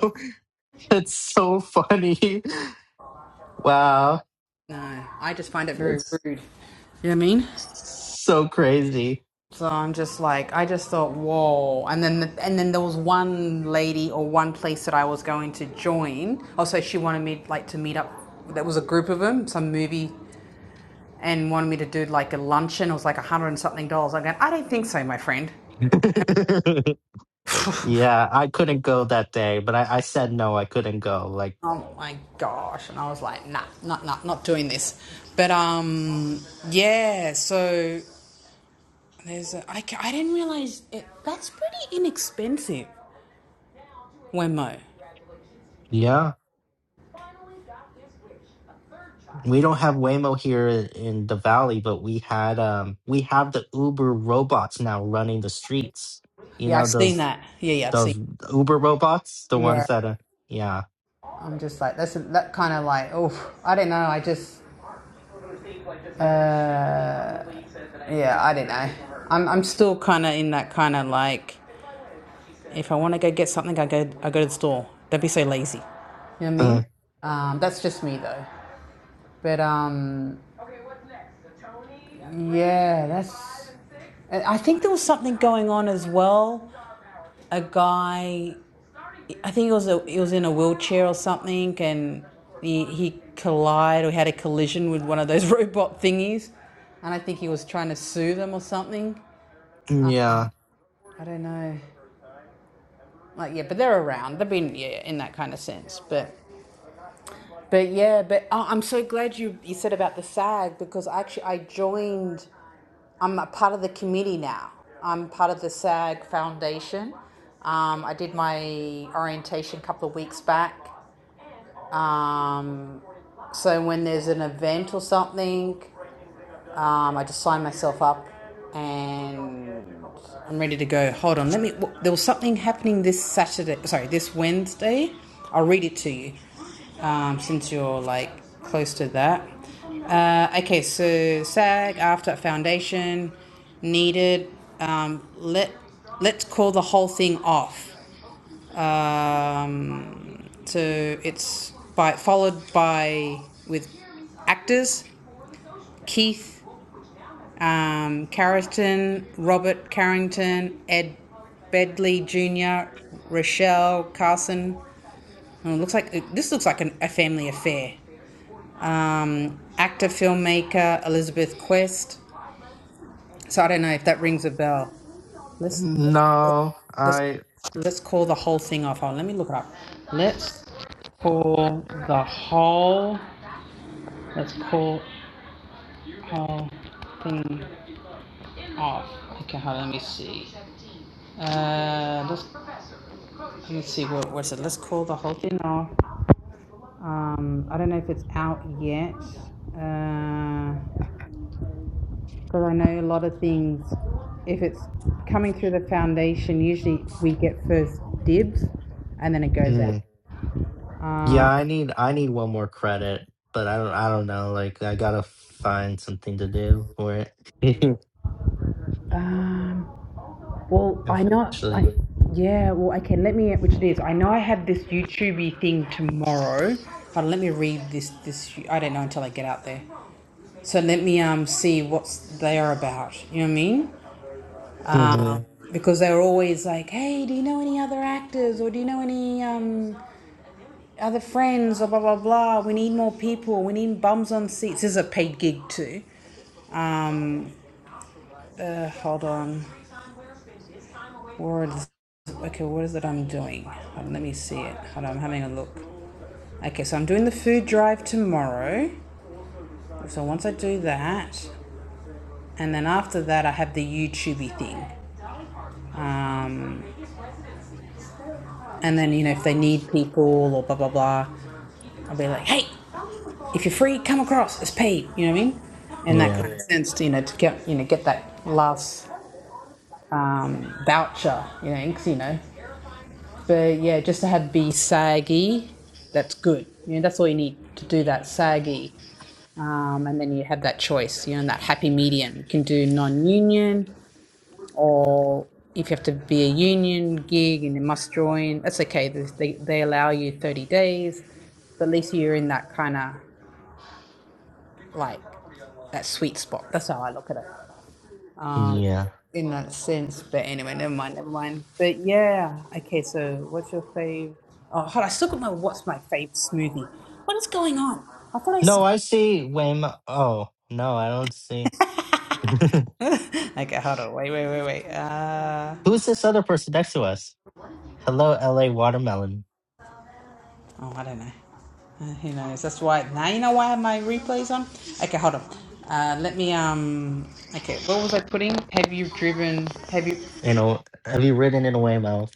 That's so funny. Wow. No, I just find it very That's rude. You know what I mean? so crazy. So I'm just like, I just thought, whoa. And then, the, and then there was one lady or one place that I was going to join. Also, she wanted me like to meet up. There was a group of them, some movie, and wanted me to do like a luncheon. It was like a hundred and something dollars. I'm going, I don't think so, my friend. yeah, I couldn't go that day, but I, I said no, I couldn't go. Like, Oh my gosh. And I was like, nah, not, not, not doing this. But, um, yeah, so there's a, I, I didn't realize it, that's pretty inexpensive, Wemo. yeah, we don't have Waymo here in in the valley, but we had um we have the Uber robots now running the streets. You Yeah, know I've seen those that. Yeah, yeah, I've seen those Uber robots, the ones Yeah, that are yeah. I'm just like that's that kind of like oh I don't know I just uh yeah I don't know I'm I'm still kind of in that kind of like if I want to go get something I go I go to the store don't be so lazy you know what I mean Uh, um that's just me though but um Yeah, that's. I think there was something going on as well. A guy, I think it was a, he was in a wheelchair or something, and he he collided or had a collision with one of those robot thingies, and I think he was trying to sue them or something. yeah. I don't know. Like yeah, but they're around. They've been yeah in that kind of sense, but. But yeah, but oh, I'm so glad you, you said about the SAG because actually I joined I'm a part of the committee now. I'm part of the SAG Foundation. Um, I did my orientation a couple of weeks back. Um, so when there's an event or something, um, I just sign myself up and I'm ready to go. Hold on. Let me. There was something happening this Saturday. Sorry, this Wednesday. I'll read it to you, um, since you're like close to that. Uh, okay, so SAG after foundation needed. Um, let let's call the whole thing off. Um, so it's by followed by with actors Keith um, Carrington, Robert Carrington, Ed Bedley Jr., Rochelle Carson. Oh, it looks like uh, this looks like an, a family affair. Um, actor filmmaker Elizabeth Quest. So I don't know if that rings a bell. Let's let's call- No, let's, I let's call the whole thing off. Hold on, let me look it up. Let's call the whole. Let's call whole thing off. Okay, hold on, let me see. Uh, let's Let us see what was it. Let's call the whole thing off. Um, I don't know if it's out yet, because uh, I know a lot of things. If it's coming through the foundation, usually we get first dibs, and then it goes out. hmm. Yeah, Um, I need I need one more credit, but I don't I don't know. Like I gotta find something to do for it. um, well, I know. I Eventually. yeah. Well, okay. Let me which it is. I know I have this YouTubey thing tomorrow, but let me read this. This I don't know until I get out there. So let me um see what's they are about. You know what I mean? hmm um, because they're always like, "Hey, do you know any other actors, or do you know any um, other friends, or blah blah blah? We need more people. We need bums on seats." This is a paid gig too. Um, uh, hold on, What is? okay? What is it I'm doing? Hold on, let me see it. Hold on, I'm having a look. Okay, so I'm doing the food drive tomorrow. So once I do that, and then after that, I have the YouTubey thing. Um, and then, you know, if they need people or blah, blah, blah, I'll be like, hey, if you're free, come across. It's paid. You know what I mean? In that Yeah. kind of Yeah. sense, you know, to get you know get that last um, voucher. You know, 'cause, you know. But yeah, just to have be saggy, that's good. You know, that's all you need to do that saggy. Um, and then you have that choice. You know, that happy medium. You can do non-union or if you have to be a union gig and you must join, that's okay. they they allow you 30 days, but at least you're in that kind of like that sweet spot. That's how I look at it. Um, Yeah. in that sense. But anyway, never mind, never mind. But yeah, okay. So what's your fave? Oh, hold on. I still got my what's my fave smoothie. What is going on? I thought I. No, s- I see Waymo. Oh, no, I don't see. Okay, hold on. Wait, wait, wait, wait. Uh, Who's this other person next to us? Hello, LA Watermelon. oh, I don't know. Uh, who knows? That's why now you know why I have my replays on. Okay, hold on. Uh, let me um. Okay, what was I putting? Have you driven? Have you? You know, have you ridden in a Waymo?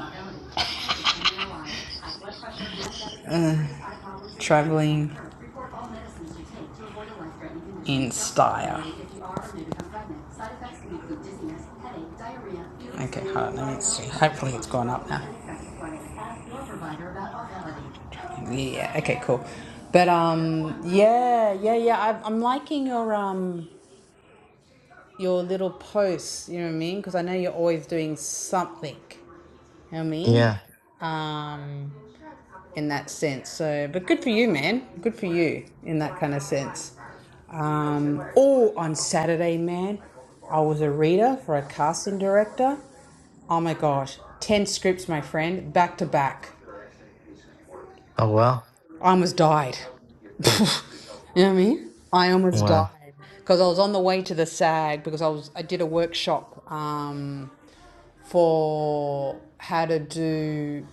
traveling Okay, hold on. Let me see. Hopefully, it's gone up now. Yeah. Okay. Cool. But um, yeah, yeah, yeah. I've, I'm liking your um, your little posts. You know what I mean? Because I know you're always doing something. You know what I mean? Yeah. Um, in that sense. So, but good for you, man. Good for you in that kind of sense. Um, oh, on Saturday, man, I was a reader for a casting director. Oh my gosh, ten scripts, my friend, back to back. Oh well. I almost died. you know what I mean? I almost Well. died because I was on the way to the SAG because I was I did a workshop um, for how to do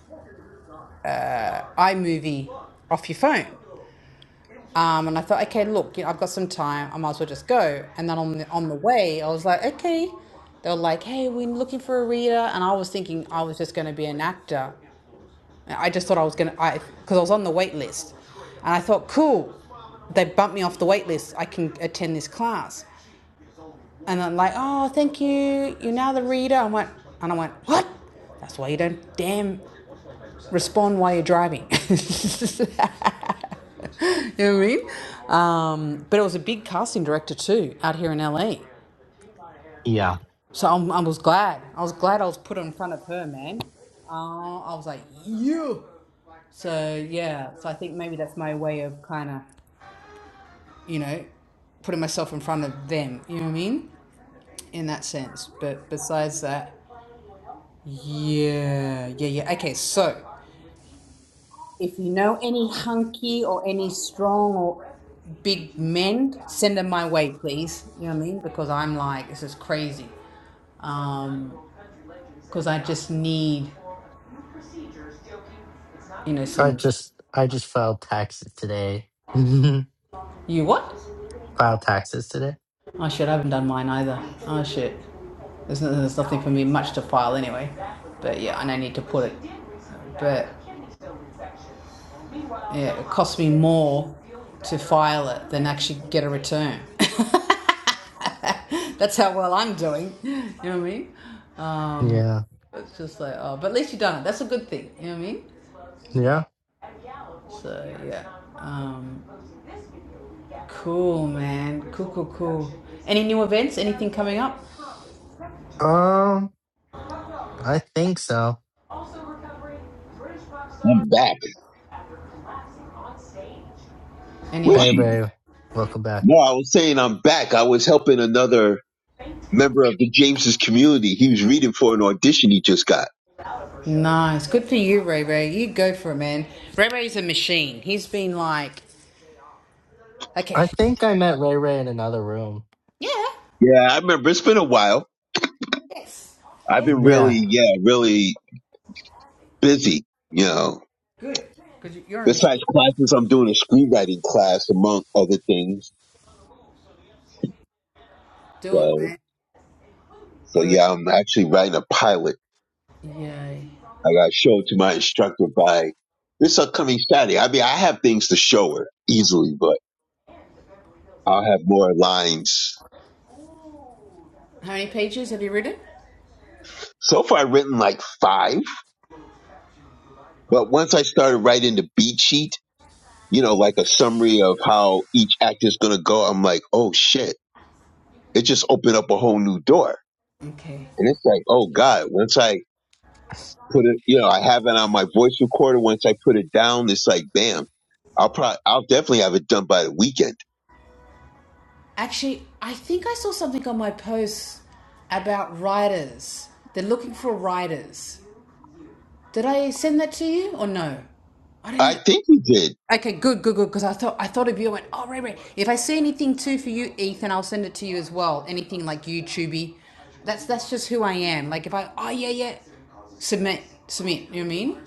iMovie off your phone. Um, and I thought, okay, look, you know, I've got some time. I might as well just go. And then on the, on the way, I was like, okay. They were like, hey, we're looking for a reader. And I was thinking I was just going to be an actor. I just thought I was gonna, I because I was on the wait list, and I thought, cool, they bumped me off the wait list. I can attend this class, and I'm like, oh, thank you. You're now the reader. I went, and I went, what? That's why you don't damn respond while you're driving. you know what I mean? Um, but it was a big casting director too out here in LA, Yeah. so I'm, I was glad. I was glad I was put in front of her, man. Uh, I was like, you. So yeah, so I think maybe that's my way of kind of, you know, putting myself in front of them. You know what I mean? In that sense. But besides that, yeah, yeah, yeah. Okay, so if you know any hunky or any strong or big men, send them my way, please. You know what I mean? Because I'm like, this is crazy. Um, because I just need, you know, I some. just I just filed taxes today. filed You what? taxes today. Oh shit, I haven't done mine either. Oh shit. There's, no- there's nothing for me much to file anyway. But yeah, and I need to put it. But yeah, it costs me more to file it than actually get a return. That's how well I'm doing. You know what I mean? Yeah. It's just like, oh, but at least you've done it. That's a good thing. You know what I mean? Yeah. So yeah. Um, cool, man. Cool, cool, cool. Any new events? Anything coming up? Um. I think so. I'm back. Was Anyone? Hey, she? Ray. Welcome back. No, I was saying I'm back. I was helping another member of the James's community. He was reading for an audition he just got. Nice. Good for you, Ray Ray. You go for it, man. Ray Ray's a machine. He's been like, okay, I think I met Ray Ray in another room. yeah, Yeah, I remember. It's been a while. yes, I've been Yeah. really, yeah, really busy. You know. good. Because you're a Besides machine. classes, I'm doing a screenwriting class among other things. Do it, So, man. so We're yeah, I'm actually writing a pilot. in. Yay. I got to show it to my instructor by this upcoming Saturday. I mean, I have things to show her easily, but I'll have more lines. How many pages have you written? So far, I've written like five, but once I started writing the beat sheet, you know, like a summary of how each act is going to go, I'm like, oh shit, it just opened up a whole new door. Okay. And it's like, oh God, once I put it, you know, I have it on my voice recorder. Once I put it down, it's like, bam, I'll probably, I'll definitely have it done by the weekend. Actually, I think I saw something on my post about writers. They're looking for writers. Did I send that to you or no? I don't know. I think we did. Okay, good, good, good. Because I thought I thought of you. I went, oh, right, right. If I see anything too for you, Ethan, I'll send it to you as well. Anything like YouTubey, that's that's just who I am. Like if I, oh yeah, yeah, submit, submit. You know what I mean?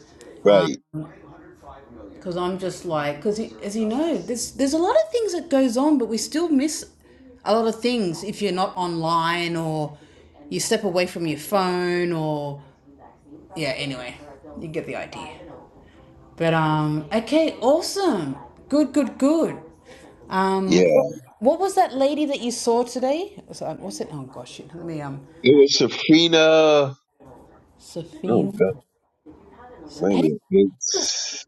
Right. Because I'm just like, because as you know, there's there's a lot of things that goes on, but we still miss a lot of things if you're not online or you step away from your phone or yeah. Anyway, you get the idea. But um, okay, awesome. Good, good, good. Um, Yeah. what, what was that lady that you saw today? Was that- What's it? Oh gosh, shit. Let me um, It was Safrina. Oh Sophie. God. Wait a How do minute. you, It's,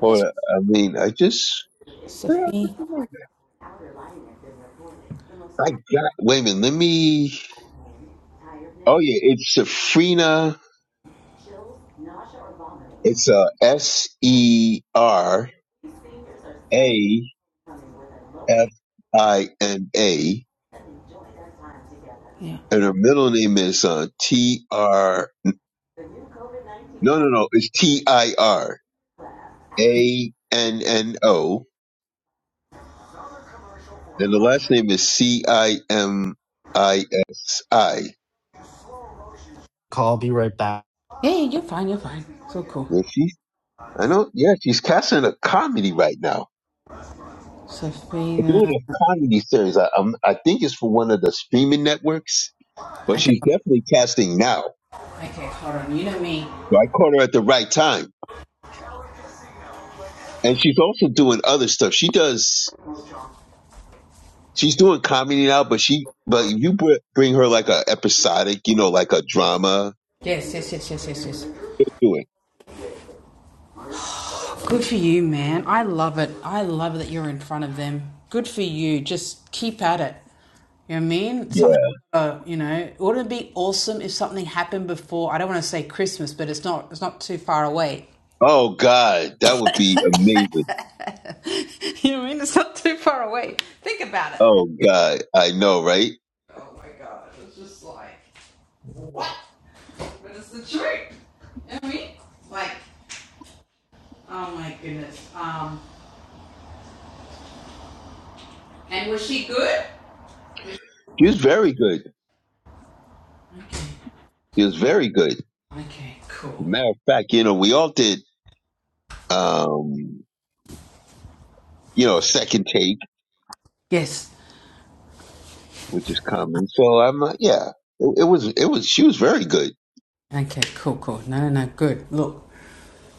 hold on. I mean, I just, I got, Sophie? wait a minute. Let me, oh yeah, it's Safrina. It's uh S E R A F I N A. Yeah. And her middle name is uh, T R. No, no, no. It's T I R A N N O, and the last name is C I M I S I. Call, be right back. Yeah, yeah, you're fine. You're fine. It's all cool. And she's, I know, yeah, she's casting a comedy right now. Sophie. They're doing uh, a comedy series. I, um I think it's for one of the streaming networks, but Okay. she's definitely casting now. Okay. Hold on. You know me. So I caught her at the right time, and she's also doing other stuff. She does. She's doing comedy now, but she, but if you br- bring her like a episodic, you know, like a drama, Yes. Yes. Yes. Yes. Yes. Yes. she'll do Good for you, man. I love it. I love that you're in front of them. Good for you. Just keep at it. You know what I mean? it. Something, uh, you know, wouldn't it be awesome if something happened before? I don't want to say Christmas, but it's not. It's not too far away. Oh God, that would be amazing. You know what I mean? It's not too far away. Think about it. Oh God, I know, right? Oh my god! It's just like what? But it's the truth. You know what I mean? Like, oh my goodness. Um, and was she good? He was very good. Okay. He was very good. Okay. As a Cool. matter of fact, you know, we all did, um, you know, a second take, Yes. which is common. So I'm, uh, yeah, it, it was, it was. She was very good. Okay, cool, cool. No, no, no, good. Look,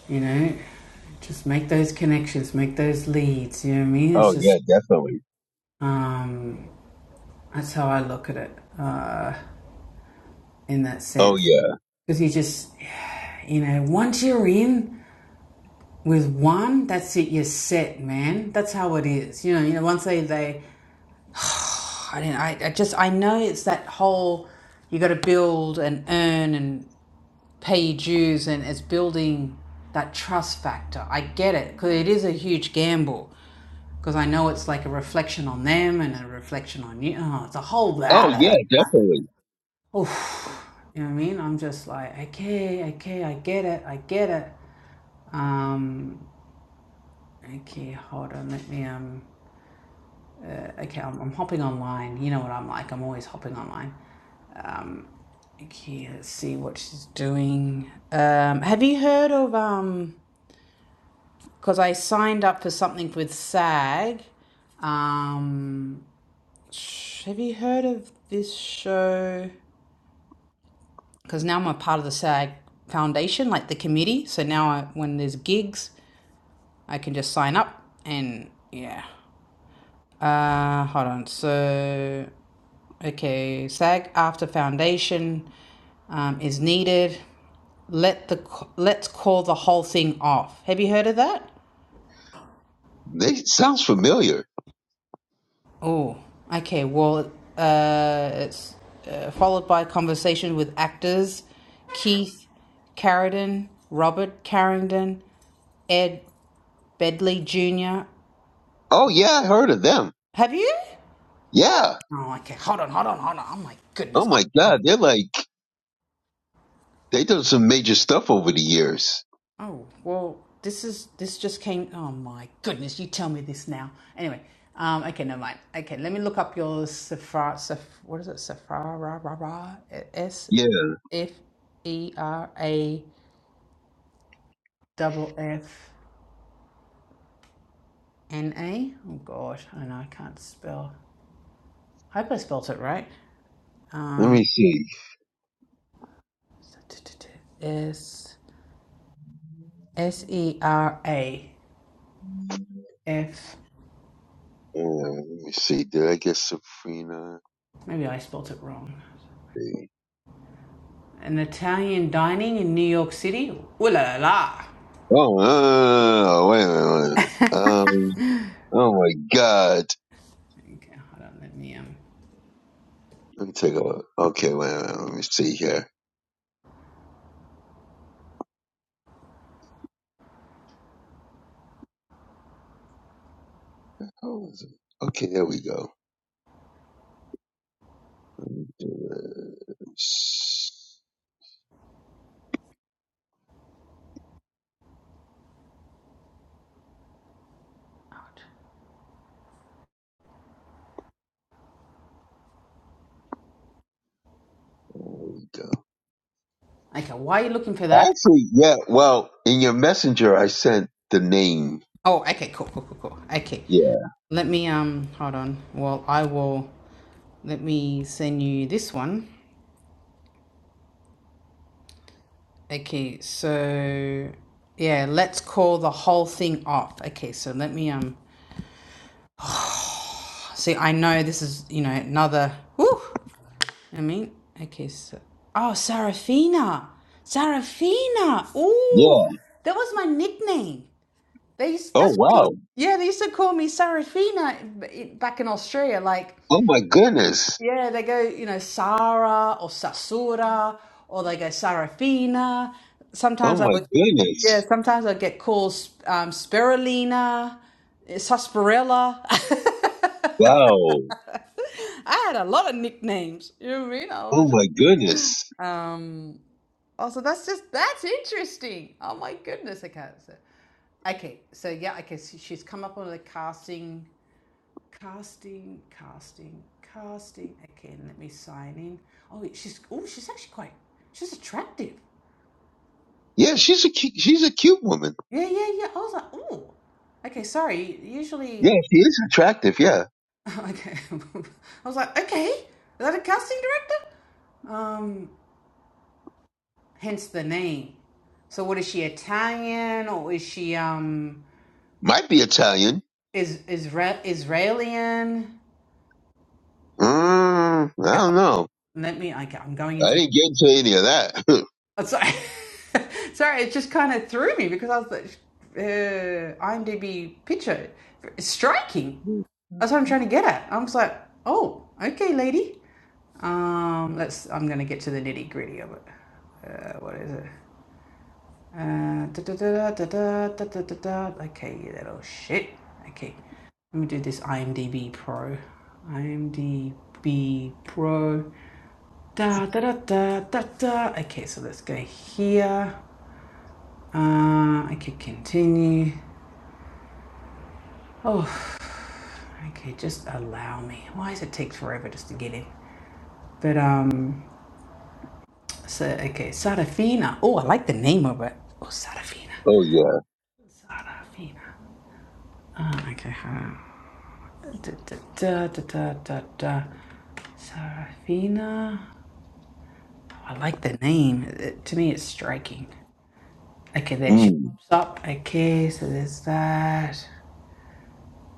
you know, just make those connections, make those leads. You know what I mean? It's Oh just yeah, definitely. um, that's how I look at it uh, in that Oh sense. yeah. Because you just, yeah, you know, once you're in with one, that's it. You're set, man. That's how it is. You know, you know. Once they, they, I don't. know, I, I just, I know it's that whole. You got to build and earn and pay your dues and it's building that trust factor. I get it because it is a huge gamble because I know it's like a reflection on them and a reflection on you. Oh, it's a whole Oh blah, blah, yeah, definitely. Oof. You know what I mean? I'm just like, okay, okay, I get it, I get it. Um, okay, hold on, let me, um, okay, I'm, I'm hopping online. You know what I'm like, I'm always hopping online. Um, okay, let's see what she's doing. Um, have you heard of, um, because I signed up for something with SAG. Um, have you heard of this show? Because now I'm a part of the SAG Foundation, like the committee. So now I, when there's gigs, I can just sign up and yeah. Uh, hold on. So okay, SAG after foundation um, is needed. Let the let's call the whole thing off. Have you heard of that? They sounds familiar. Oh, okay. Well, uh, it's uh, followed by a conversation with actors Keith Carradine, Robert Carrington, Ed Bedley Jr. Oh yeah, I heard of them. Have you? Yeah. Oh, okay. Hold on, hold on, hold on. Oh my Oh goodness. Oh, my my, God, they're like they done some major stuff over the years. oh well, this is this just came. Oh my goodness, you tell me this now. Anyway, um, okay, never mind. Okay, let me look up your Safra. Saf, what is it? Safra. S Yeah. F E R A double F N A. Oh God, I know I can't spell. I Hope I spelt it right. Let Um, me see. S S E R A F. Uh, let me see. Did I get Sabrina? Maybe I spelt it wrong. Hey. An Italian dining in New York City. Ooh la la la. Oh, uh, wait a minute. Wait a minute. Um, oh my God. Okay, hold on. Let me um. Let me take a look. Okay, wait a minute. Let me see here. How is it? Okay, there we go. There we go. Okay, why are you looking for that? Actually, yeah. Well, in your messenger, I sent the name. Oh, okay, cool, cool, cool, cool. Okay, Yeah. let me um. Hold on. Well, I will. Let me send you this one. Okay, so yeah, let's call the whole thing off. Okay, so let me um see I know this is, you know, another whew, I mean, okay, so oh Sarafina. Sarafina. Oh Yeah. that was my nickname. They used, Oh that's what they used, wow. yeah, they used to call me Sarafina back in Australia. Like Oh my goodness. Yeah, they go, you know, Sara or Sasura, or they go Sarafina. Oh Sometimes I my would, yeah, goodness. sometimes I get called um, Spirulina, Sarsaparilla. Wow. I had a lot of nicknames. You know what I mean? I Oh was just, my goodness. um, oh, so that's just, that's interesting. Oh my goodness, I can't say. Okay, so yeah, okay, so she's come up on the casting casting, casting, casting. Again, let me sign in. Oh, she's oh, she's actually quite she's attractive. Yeah, she's a cu- she's a cute woman. Yeah, yeah, yeah. I was like, oh, okay. Sorry. Yeah, Usually, she is attractive. Yeah, okay. I was like, okay. Is that a casting director? Um, hence the name. So, what is she Italian or is she um might be Italian. is Isra- Israelian? Mm, I Yeah, don't know. let me. Okay, I'm going into. my I didn't get into any of that. Sorry, sorry, it just kind of threw me because I was like, uh, IMDb picture striking. That's what I'm trying to get at. I was like, oh, okay, lady. Um, let's. I'm gonna get to the nitty gritty of it. Uh, what is it? Uh, da, da, da, da, da, da, da, da, da. Okay, you little shit. Okay, let me do this IMDb Pro. IMDb Pro. Da da da da da da. Okay, so let's go here. Uh, I could continue. Oh, okay, just allow me. Why does it take forever just to get in? But um, so okay, Sarafina. Oh, I like the name of it. Oh, Sarafina. oh yeah. Sarafina. Uh, okay, hold Da, da, da, da, da, da, da. Sarafina. Oh, I like the name. It- to me, it's striking. Okay, there she Mm, pops up. Okay, so there's that.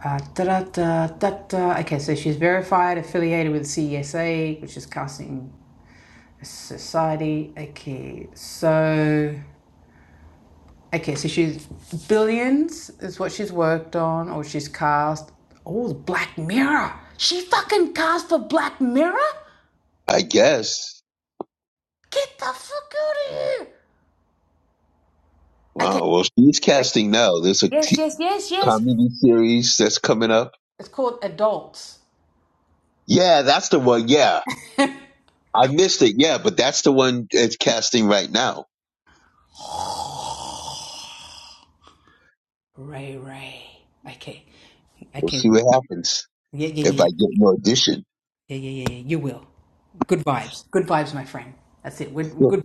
Uh, da, da, da, da. Okay, so she's verified, affiliated with CESA, which is Casting Society. Okay, so okay, so she's billions is what she's worked on, or she's cast. Oh, Black Mirror. She fucking cast for Black Mirror. I guess. Get the fuck out of here. Okay, Wow. Well, she's casting now. There's a t- comedy series that's coming up. it's called Adults. Yeah, that's the one. Yeah, I missed it. Yeah, but that's the one it's casting right now. Ray Ray. Okay, We'll okay, see what happens yeah, yeah, if yeah. I yeah. get more audition. Yeah, yeah, yeah, yeah. You will. Good vibes. Good vibes, my friend. That's it. We're we're good.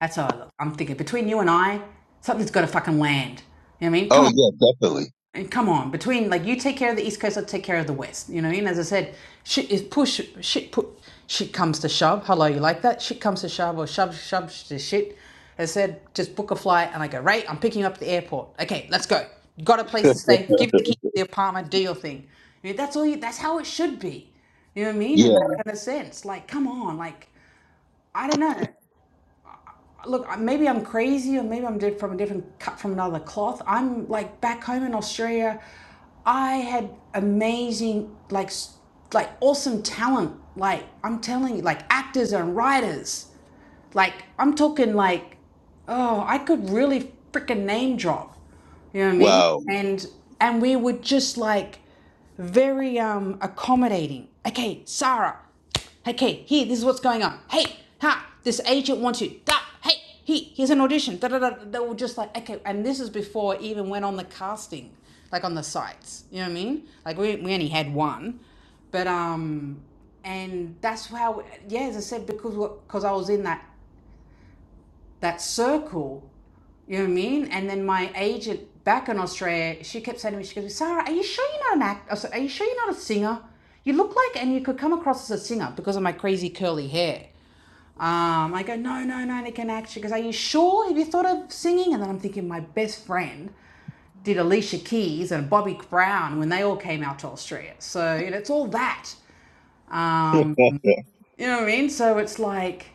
That's how I look. I'm thinking between you and I, something's got to fucking land. You know what I mean? Come on oh yeah, definitely. and come on, between like you take care of the East Coast, I'll take care of the West. You know, what I mean? as I said, shit is push, shit put, shit comes to shove. Hello, you like that? Shit comes to shove, or shove shove to shit. As I said, just book a flight, and I go right. I'm picking you up at the airport. Okay, let's go. Got a place to stay. Give the key to the apartment. Do your thing. You know, that's all. You, that's how it should be. You know what I mean? Yeah. In that kind of sense. Like, come on. Like, I don't know look, maybe I'm crazy or maybe I'm from a different cut from another cloth. I'm like back home in Australia, I had amazing like like awesome talent. Like I'm telling you, like actors and writers. Like I'm talking like, oh, I could really freaking name drop. You know what I mean? Wow. And and we were just like very um accommodating. Okay, Sarah. Hey, Okay, here, this is what's going on. Hey, ha, this agent wants you. Da, hey, he, here's an audition. Da, da, da. They were just like, okay, and this is before I even went on the casting, like on the sites. You know what I mean? Like we, we only had one. But um and that's how yeah, as I said, because because I was in that that circle. You know what I mean? And then my agent back in Australia, she kept saying to me, she goes, Sarah, are you sure you're not an actor? Are you sure you're not a singer? You look like, and you could come across as a singer because of my crazy curly hair. Um, I go, no, no, no, they can act. She goes, are you sure? Have you thought of singing? And then I'm thinking, my best friend did Alicia Keys and Bobby Brown when they all came out to Australia. So you know, it's all that. Um, Yeah. you know what I mean? So it's like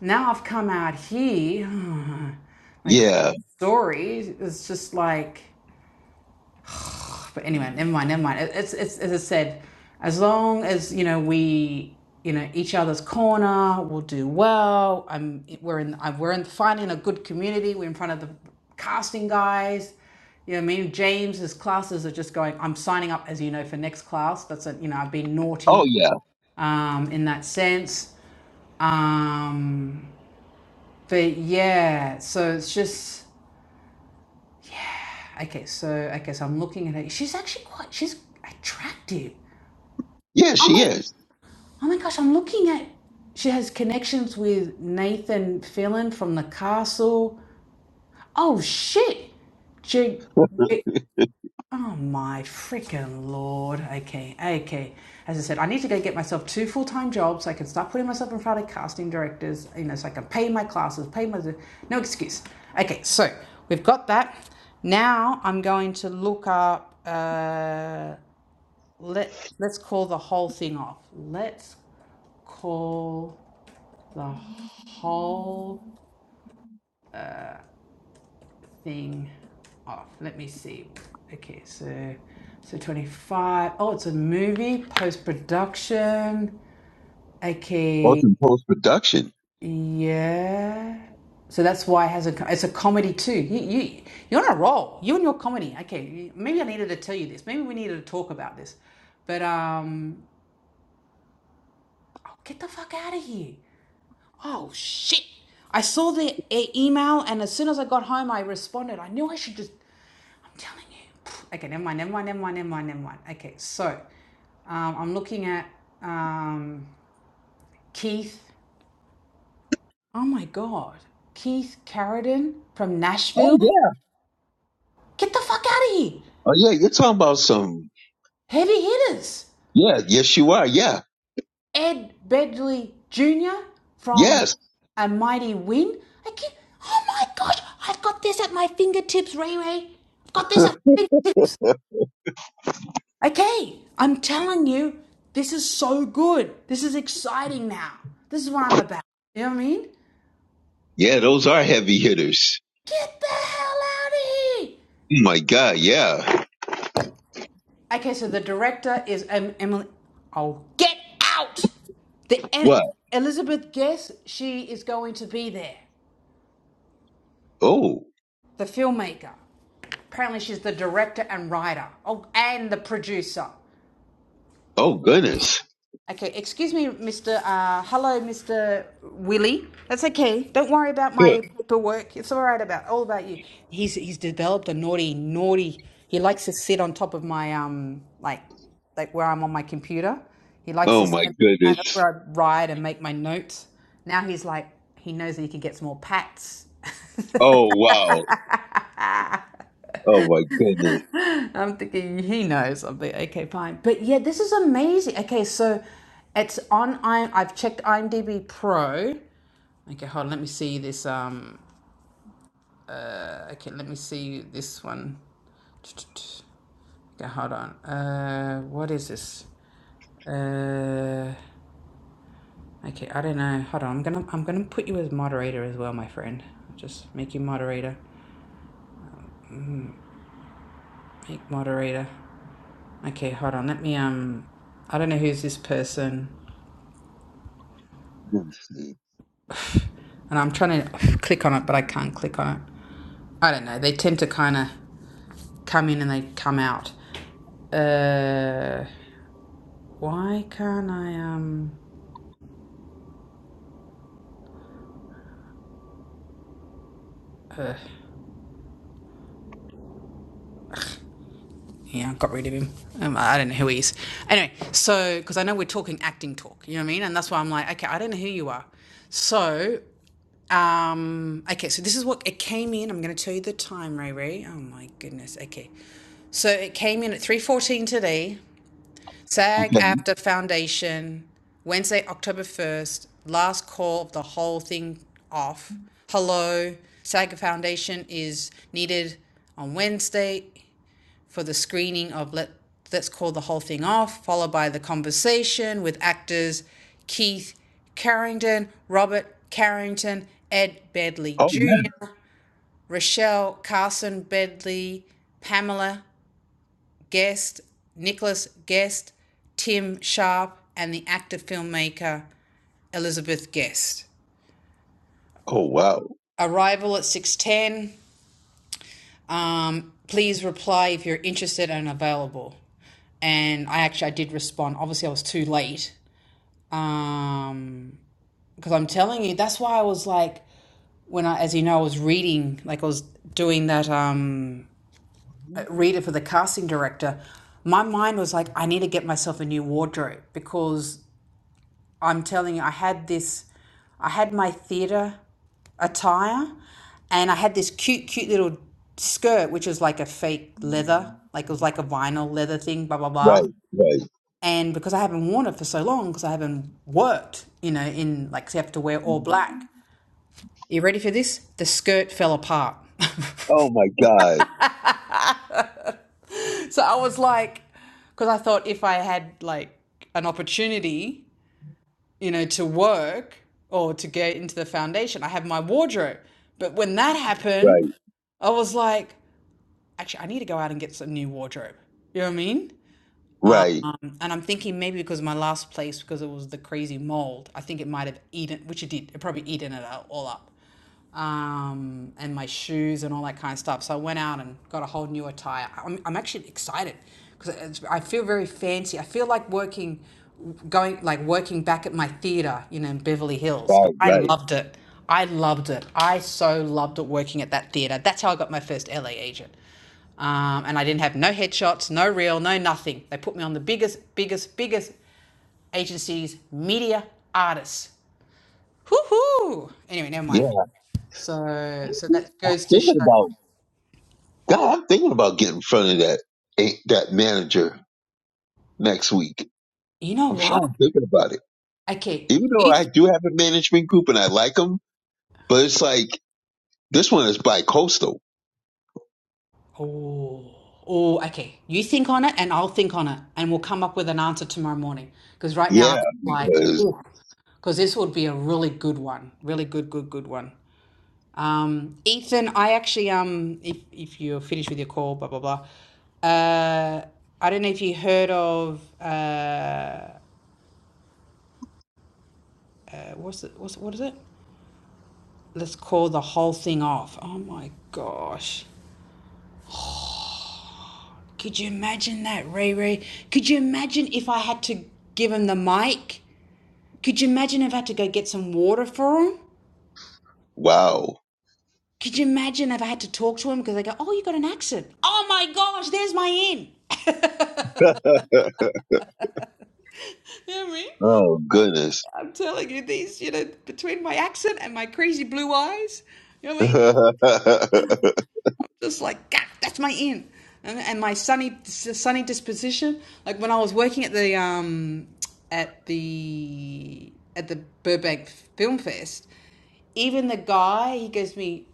now I've come out here. My crazy Yeah. story is just like. But anyway, never mind, never mind. It's it's as I said, as long as you know we you know each other's corner, we'll do well. I'm we're in I- we're in finding a good community. We're in front of the casting guys. You know what I mean? James's classes are just going. I'm signing up, as you know, for next class. That's a, you know I've been Oh naughty yeah. um, in that sense. Um, But yeah, so it's just yeah. Okay, so okay, so I'm looking at her. She's actually quite she's attractive. Yeah, Oh she my is. oh my gosh, I'm looking at she has connections with Nathan Fillion from the castle. Oh shit. J- Oh my freaking lord. Okay, okay. As I said, I need to go get myself two full time jobs so I can start putting myself in front of casting directors, you know, so I can pay my classes, pay my. No excuse. Okay, so we've got that. Now I'm going to look up, uh, let, let's call the whole thing off. Let's call the whole thing off. Let me see. Okay, so so 25. Oh, it's a movie post production. Both Okay, in post production. yeah. So that's why it has a it's a comedy too. You you you're on a roll. You and your comedy. Okay, maybe I needed to tell you this. Maybe we needed to talk about this. But um, oh, get the fuck out of here. Oh shit! I saw the e- email, and as soon as I got home, I responded. I knew I should just I'm telling you. Okay, never mind, never mind, never mind, never mind, never mind. Okay, so um, I'm looking at um, Keith. Oh my God. Keith Carradine from Oh Nashville. yeah. Get the fuck out of here. Oh yeah. You're talking about some. Heavy hitters. Yeah. Yes, you are. Yeah. Ed Bedley Jr. from Yes. A Mighty Wind. I can't, oh my gosh, I've got this at my fingertips, Ray Ray. I've got this at my fingertips. Okay, I'm telling you, this is so good. This is exciting now. This is what I'm about. You know what I mean? Yeah. Those are heavy hitters. Get the hell out of here. Oh my God. Yeah. Okay, so the director is um, Emily. Oh, get out! The em- What? Elizabeth Guess, she is going to be there, Oh. the filmmaker. Apparently, she's the director and writer, oh, and the producer. Oh goodness. Okay, excuse me, Mr. Uh, hello, Mr. Willie. That's okay. Don't worry about Ugh. my paperwork. It's all right about all about you. He's he's developed a naughty, naughty. He likes to sit on top of my um, like, like where I'm on my computer. He likes Oh to sit my and that's goodness. where I write and make my notes. Now he's like, he knows that he can get some more pats. Oh wow. Oh my goodness. I'm thinking he knows. I'm like, okay, fine. But yeah, this is amazing. Okay, so it's on. I I've checked IMDb Pro. Okay, hold on. Let me see this. Um, okay, let me see this one. Okay, hold on. Uh, what is this? Uh, okay, I don't know. Hold on. I'm gonna I'm gonna put you as moderator as well, my friend. I'll Just make you moderator. Make moderator. Okay, hold on. Let me um. I don't know who's this person, Let me see. and I'm trying to click on it, but I can't click on it. I don't know. They tend to kind of come in and they come out. Uh, why can't I um? Uh, yeah, I got rid of him. Um, I don't know who he is. Anyway, so because I know we're talking acting talk, you know what I mean, and that's why I'm like, okay, I don't know who you are. So, um, okay, so this is what it came in. I'm going to tell you the time, Ray Ray. Oh my goodness. Okay, so it came in at 3:14 today. SAG Okay. after Foundation, Wednesday, October 1st. Last call of the whole thing off. Hello, SAG Foundation is needed on Wednesday for the screening of let let's call the whole thing off, followed by the conversation with actors Keith Carrington, Robert Carrington, Ed Bedley Oh yeah. Jr., Rochelle Carson Bedley, Pamela Guest, Nicholas Guest, Tim Sharp, and the actor filmmaker Elizabeth Guest. Oh wow. Arrival at 6:10, Um, please reply if you're interested and available. And I actually I did respond. Obviously, I was too late. Um, because I'm telling you, that's why I was like, when I, as you know, I was reading, like I was doing that um reader for the casting director. My mind was like, I need to get myself a new wardrobe because I'm telling you, I had this, I had my theatre attire and I had this cute, cute little skirt, which was like a fake leather, like it was like a vinyl leather thing, blah, blah, blah. Right. Right. And because I haven't worn it for so long, because I haven't worked, you know, in like, 'cause you have to wear all black. You ready for this? The skirt fell apart. Oh my God. so I was like, because I thought if I had like an opportunity, you know, to work or to get into the foundation. I have my wardrobe. But when that happened, Right. I was like, actually, I need to go out and get some new wardrobe. You know what I mean? Right. And I'm thinking maybe because my last place, because it was the crazy mold, I think it might have eaten, which it did, it probably eaten it all up um, and my shoes and all that kind of stuff. So I went out and got a whole new attire. I'm, I'm actually excited because I feel very fancy. I feel like working, going like working back at my theater, you know, in Beverly Hills. Right. I Right. loved it. I loved it. I so loved it working at that theater. That's how I got my first LA agent. Um, and I didn't have no headshots, no reel, no nothing. They put me on the biggest, biggest, biggest agency's media artists. Hoo hoo! Anyway, never mind. Yeah. So, so that I'm goes to thinking show. about God. I'm thinking about getting in front of that eh, that manager next week. You know I'm sure I'm what? thinking about it. Okay, Even though you. I Th- do have a management group and I like them, but it's like this one is bi coastal. Oh, oh. Okay, you think on it, and I'll think on it, and we'll come up with an answer tomorrow morning. Because right now, I'm Yeah, just like, because because this would be a really good one, really good, good, good one. Um, Ethan, I actually um, if if you're finished with your call, blah blah blah. Uh, I don't know if you heard of uh, uh what's it? What's what is it? Let's call the whole thing off. Oh my gosh. Could you imagine that, Ray Ray? Could you imagine if I had to give him the mic? Could you imagine if I had to go get some water for him? wow. Could you imagine if I had to talk to him because I go, oh, you got an accent. Oh my gosh, there's my in. You know what I mean? oh goodness. I'm telling you, these, you know, between my accent and my crazy blue eyes, you know what I mean? Just like, God, that's my in. And, and my sunny, sunny disposition. Like when I was working at the, um, at the, at the Burbank Film Fest, even the guy, he gives me,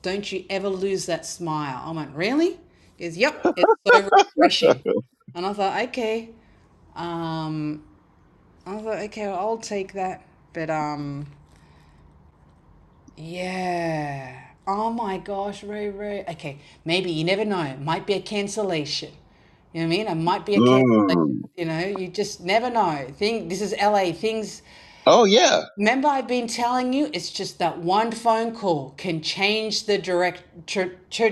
Don't you ever lose that smile. I went, Really? He goes, Yep, it's so refreshing. And I thought, Okay. Um, I thought, Okay, well, I'll take that. But, um, yeah. Oh my gosh, Ray Ray. Okay, maybe you never know. It might be a cancellation. You know what I mean? It might be a cancellation. Mm. You know, you just never know. Thing, this is LA. Things Oh yeah. Remember, I've been telling you, it's just that one phone call can change the direct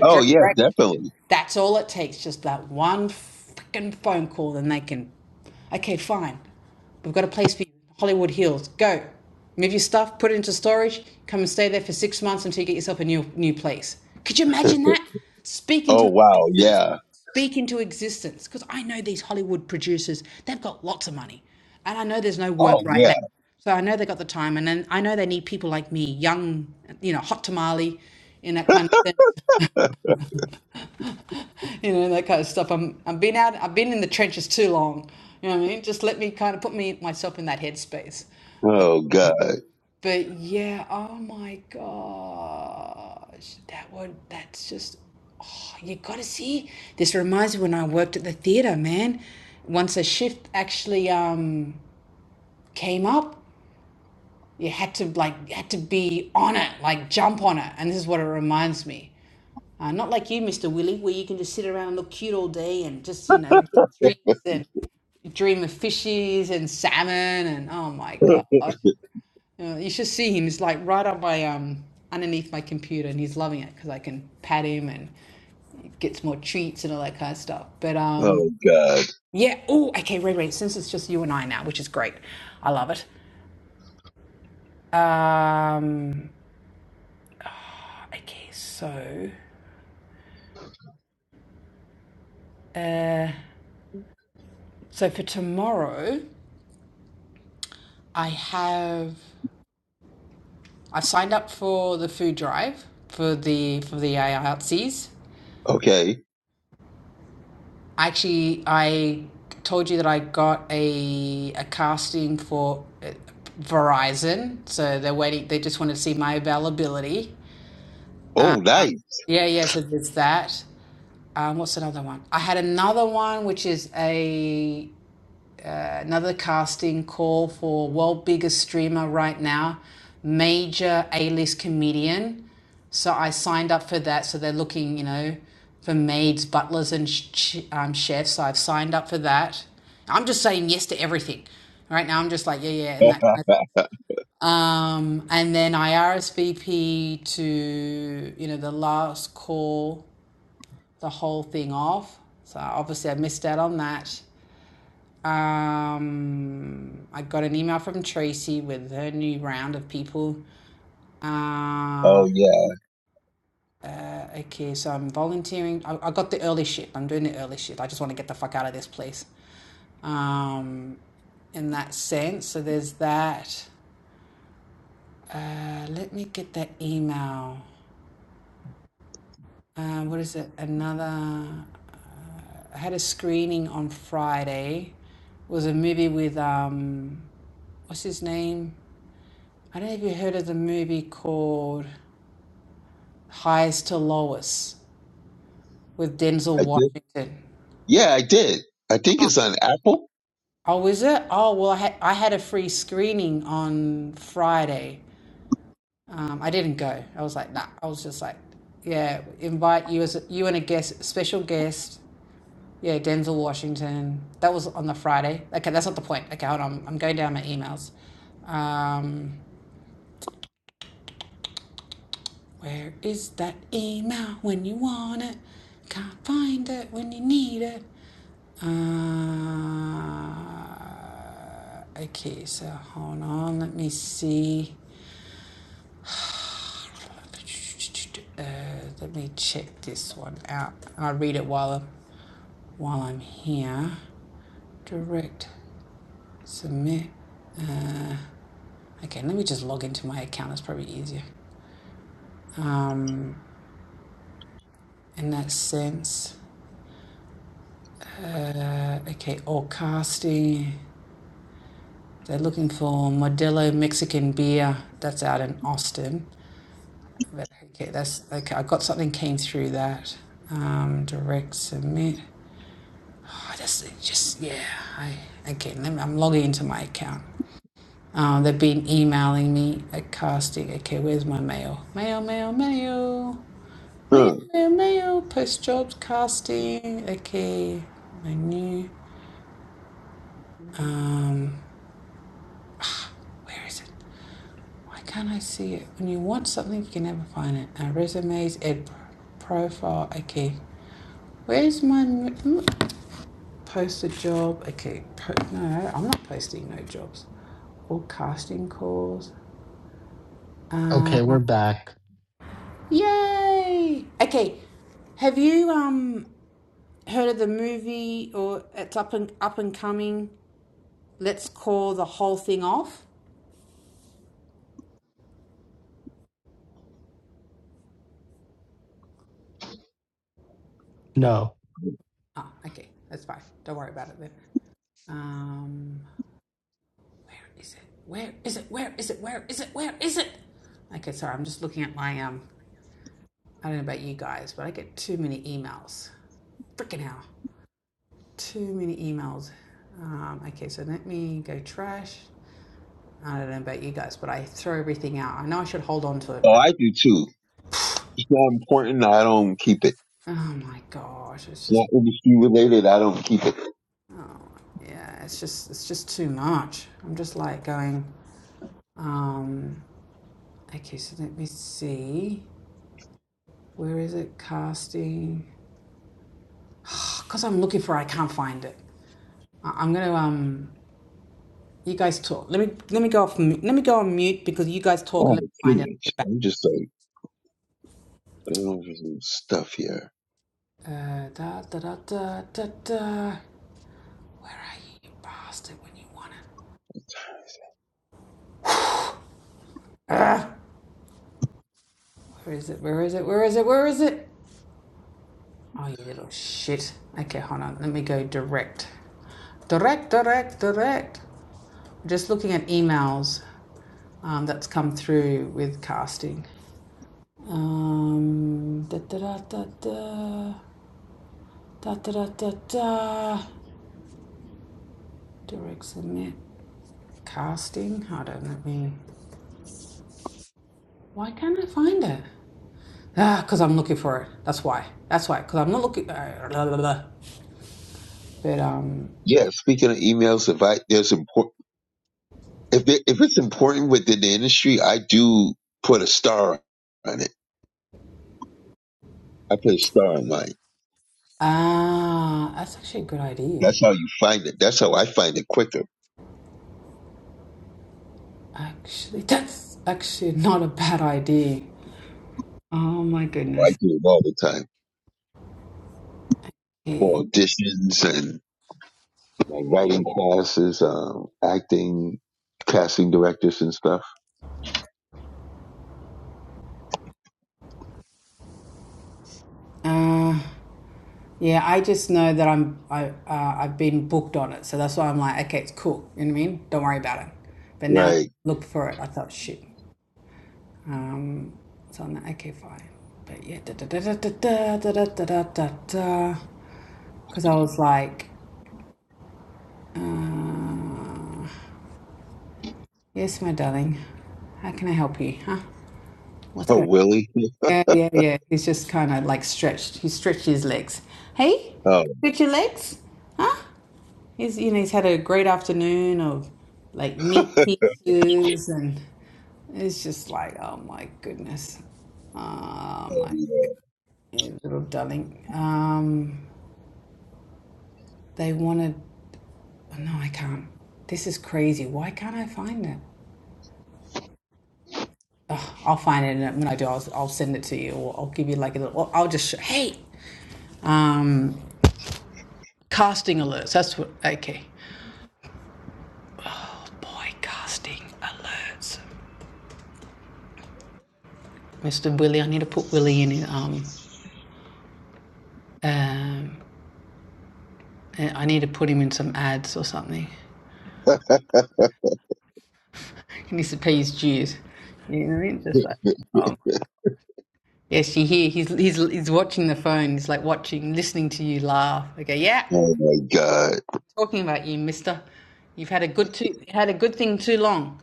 Oh yeah, definitely. That's all it takes, just that one freaking phone call, and they can. Okay, fine. We've got a place for you, Hollywood Hills. Go. Move your stuff, put it into storage, come and stay there for six months until you get yourself a new new place. Could you imagine that? Speak Oh into wow, existence. yeah. Speak into existence. Because I know these Hollywood producers, they've got lots of money. And I know there's no work Oh right now. yeah. So I know they have got the time and then I know they need people like me, young, you know, hot tamale in that kind of sense. you know that kind of stuff. I'm I'm been out. I've been in the trenches too long. You know what I mean? Just let me kind of put me myself in that headspace. But Oh god. but yeah. Oh my gosh, that would. That's just. Oh, you gotta see. This reminds me when I worked at the theater, man. Once a shift actually um came up, you had to like you had to be on it, like jump on it. And this is what it reminds me. Uh, not like you, Mr. Willie, where you can just sit around and look cute all day and just, you know, get treats and dream of fishes and salmon and oh my god. Uh, You should see him. He's like right up my um underneath my computer and he's loving it because I can pat him and gets more treats and all that kind of stuff. But um Oh god. yeah, oh okay, Ray Ray, since it's just you and I now, which is great. I love it. Um okay, so uh so for tomorrow I have I've signed up for the food drive for the for the I E L T C's. Okay. Actually, I told you that I got a a casting for uh, Verizon, so they're waiting. They just wanted to see my availability. Oh nice. Yeah, yeah. So there's that. Um, what's another one? I had another one, which is a Another casting call for world biggest streamer right now, major A-list comedian. So I signed up for that. So they're looking, you know, for maids, butlers, and sh- um, chefs. So I've signed up for that. I'm just saying yes to everything. Right now, I'm just like yeah, yeah, and that. kind of- Oh Um, and then I RSVP to you know the last call, the whole thing off. So obviously, I missed out on that. Um, I got an email from Tracy with her new round of people. Uh, yeah. okay, so I'm volunteering. I, I got the early shift. I'm doing the early shift. I just want to get the fuck out of this place. Um, in that sense, so there's that. Uh, let me get that email. Uh, what is it? Another. I had a screening on Friday. It was a movie with um, what's his name? I don't know if you heard of the movie called highest to lowest with Denzel I did. Washington. Yeah, I did. I think it's on Apple. Oh, is it? Oh, well, I had, I had a free screening on Friday. Um, I didn't go. I was like, nah. I was just like, yeah, invite you as a, you and a guest, special guest. Yeah, Denzel Washington. That was on the Friday. Okay, that's not the point. Okay, hold on. I'm going down my emails. Um, Where is that email when you want it? Can't find it when you need it. Uh, okay, so hold on. Let me see. Uh, let me check this one out. I'll read it while I'm, while I'm here. Direct submit. Okay, let me just log into my account. That's probably easier. Um, in that sense. Uh, okay, all casting. They're looking for Modelo Mexican beer that's out in Austin. But okay, that's okay. I got something came through that. Um, direct submit. Oh, that's just yeah. I again. okay. I'm logging into my account. Um, they've been emailing me at casting. Okay, where's my mail? Mail, mail, mail, mail, Huh. mail, mail. Post jobs casting. Okay, my new. Um, where is it? Why can't I see it? When you want something, you can never find it. Now, resumes, ed profile. Okay. Where's my m- post a job? Okay. no, I'm not posting no jobs. All casting calls. Okay, we're Uh, back. yay! Okay. Have you um heard of the movie or it's up and up and coming? Let's call the whole thing off. No. Ah, okay. That's fine. Don't worry about it then. Um, Where is it? Where is it? Where is it? Where is it? Where is it? Okay, sorry, I'm just looking at my um. I don't know about you guys, but I get too many emails. Freaking hell, too many emails. Um, okay, so let me go trash. I don't know about you guys, but I throw everything out. I know I should hold on to it, Oh, but I do too. it's not important. I don't keep it. oh my gosh, it's It's just not industry related. I don't keep it. yeah, it's just it's just too much. I'm just like going. Um, okay, so let me see. Where is it? Casting. Because I'm looking for, it, I can't find it. I- I'm gonna um you guys talk. Let me let me go off mu- let me go on mute because you guys talk Oh, and let me find it. I'll gosh. get back. I'm just like, I don't know there's some stuff here. Uh da da da da da da Where are you, you bastard when you want it? Where is it? Where is it? Where is it? Where is it? Oh you little shit. Okay, hold on. Let me go direct. Direct, direct, direct. Just looking at emails um, that's come through with casting. Um, da, da, da, da, da, da, da, da, da, da. Direct submit. Casting? Hold on, let me. Why can't I find it? Ah, because I'm looking for it. That's why. That's why. Because I'm not looking. ah, blah, blah, blah. But um, Yeah, speaking of emails, if I there's important, if it, if it's important within the industry, I do put a star on it. I put a star on mine. ah, that's actually a good idea. That's how you find it. That's how I find it quicker. Actually, that's actually not a bad idea. Oh my I goodness. do it all the time for auditions and my writing classes, um, acting, casting directors and stuff. Uh, yeah, I just know that I'm I uh, I've been booked on it, so that's why I'm like, okay, it's cool. You know what I mean? Don't worry about it. But now Right. look for it. I thought, shit. Um, so I'm like, okay, fine. But yeah, da da da da da da da da da da da. Because I was like, uh, yes, my darling, how can I help you? Huh? What's Oh, going on? Willie. Yeah, yeah, yeah. He's just kind of like stretched. He stretched his legs. Hey, Oh. stretch your legs, huh? He's you know he's had a great afternoon of like meat pieces and it's just like oh my goodness, oh my Yeah, little darling. Um, they wanted. oh, No, I can't. This is crazy. Why can't I find it? I'll find it, and when I do, I'll, I'll send it to you, or I'll give you like a little. Or I'll just sh- hey, um, casting alerts. That's what. Okay, boy, casting alerts. Mr. Willie, I need to put Willie in. Um, um, eh, I need to put him in some ads or something. He needs to pay his dues. You know what I mean? Just like. Oh, Yes, you hear he's he's he's watching the phone. He's like watching, listening to you laugh. Okay, yeah, Oh my God. talking about you, Mister. You've had a good too had a good thing too long.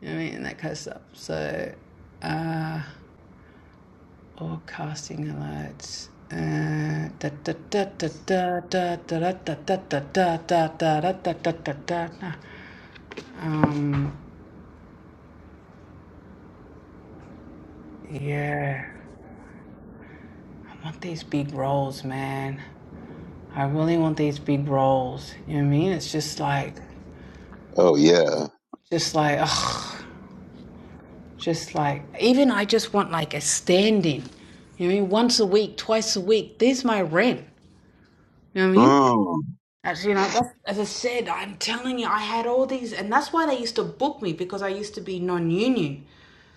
You know what I mean, and that kind of stuff. So, uh, all casting alerts. Uh, da da da da da da da da da da da da da da da da da da da. da. Um, yeah, I want these big roles, man. I really want these big roles. You know what I mean? It's just like. Oh yeah. Just like, ugh, just like, even I just want like a stand in. You know what I mean? Once a week, twice a week. There's my rent. You know what I mean? Mm. As you know, that's, as I said, I'm telling you, I had all these, and that's why they used to book me because I used to be non-union.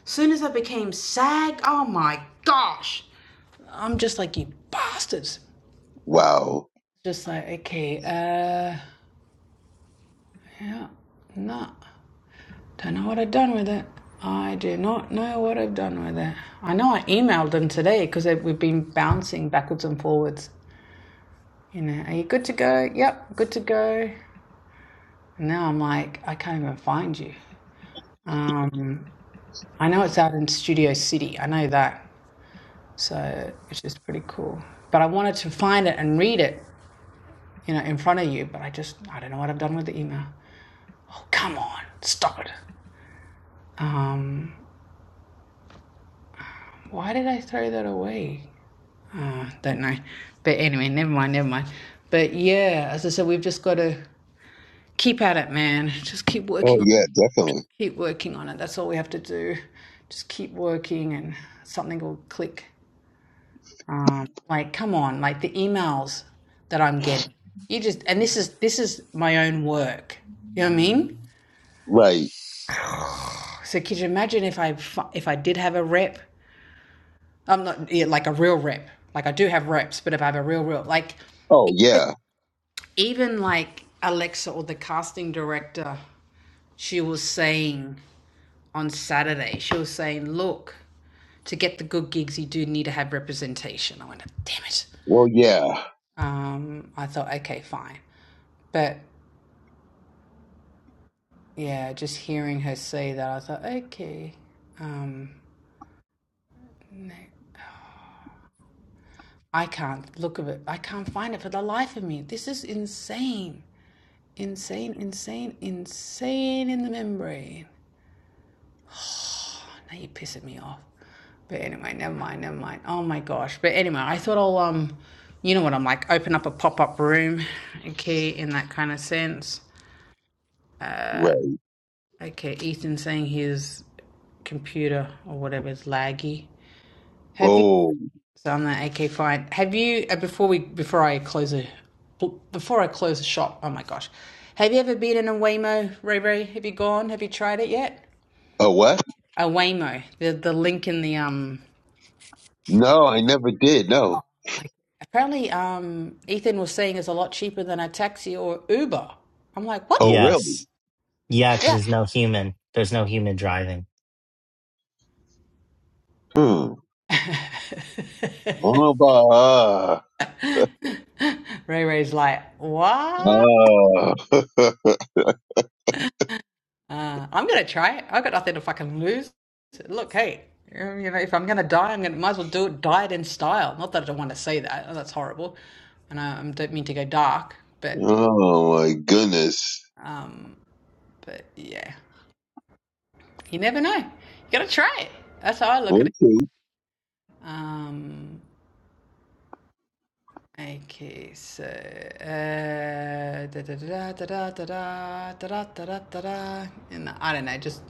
As Soon as I became SAG, oh my gosh, I'm just like you bastards. Wow. Just like, okay, uh, yeah, no. Don't know what I've done with it. I do not know what I've done with it. I know I emailed them today because we've been bouncing backwards and forwards. You know, are you good to go? Yep, good to go. And now I'm like, I can't even find you. Um, I know it's out in Studio City. I know that. So, it's just pretty cool. But I wanted to find it and read it, you know, in front of you. But I just, I don't know what I've done with the email. Oh, come on. Stop it. Um, why did I throw that away? Uh, don't know. But anyway, never mind, never mind. But yeah, as I said, we've just got to keep at it, man. Just keep Oh working on yeah, definitely. it. keep working on it. That's all we have to do. Just keep working and something will click. Um, like come on, like the emails that I'm getting. You just and this is this is my own work. You know what I mean? Right. So could you imagine if I if I did have a rep? I'm not yeah, like a real rep. Like I do have reps, but if I have a real real like Oh yeah. even like Alexa or the casting director, she was saying on Saturday, she was saying, look, to get the good gigs, you do need to have representation. I went, damn it. Well yeah. Um, I thought, okay, fine. But yeah, just hearing her say that, I thought, okay, um, no, I can't look at it. I can't find it for the life of me. This is insane. Insane, insane, insane in the membrane. Now you're pissing me off. But anyway, never mind, never mind. Oh my gosh. But anyway, I thought I'll um you know what I'm like, open up a pop up room, okay, in that kind of sense. Right. Okay, Ethan's saying his computer or whatever is laggy. Have you Oh. so I'm like, okay, fine. Have you uh, before we before I close a before I close the shop, oh my gosh. Have you ever been in a Waymo, Ray Ray? Have you gone? Have you tried it yet? Oh what? A Waymo. The the link in the um No, I never did. No. Like apparently, um, Ethan was saying it's a lot cheaper than a taxi or Uber. I'm like, Oh what? really? Yes. Yeah, because there's no human. There's no human driving. Hmm. I don't know about ah. Ray Ray's like, what? Ah. Uh, I'm gonna try it. I've got nothing to fucking lose. Look, hey, um, you know, if I'm gonna die, I'm gonna might as well do it, diet in style. Not that I don't want to say that. Oh, that's horrible, and I, I don't mean to go dark, but oh my goodness. um, but yeah, you never know. You gotta try it. That's how I look at it. Okay. Um, Okay, so uh, da da da da da da da da da da da da da, and I don't know, just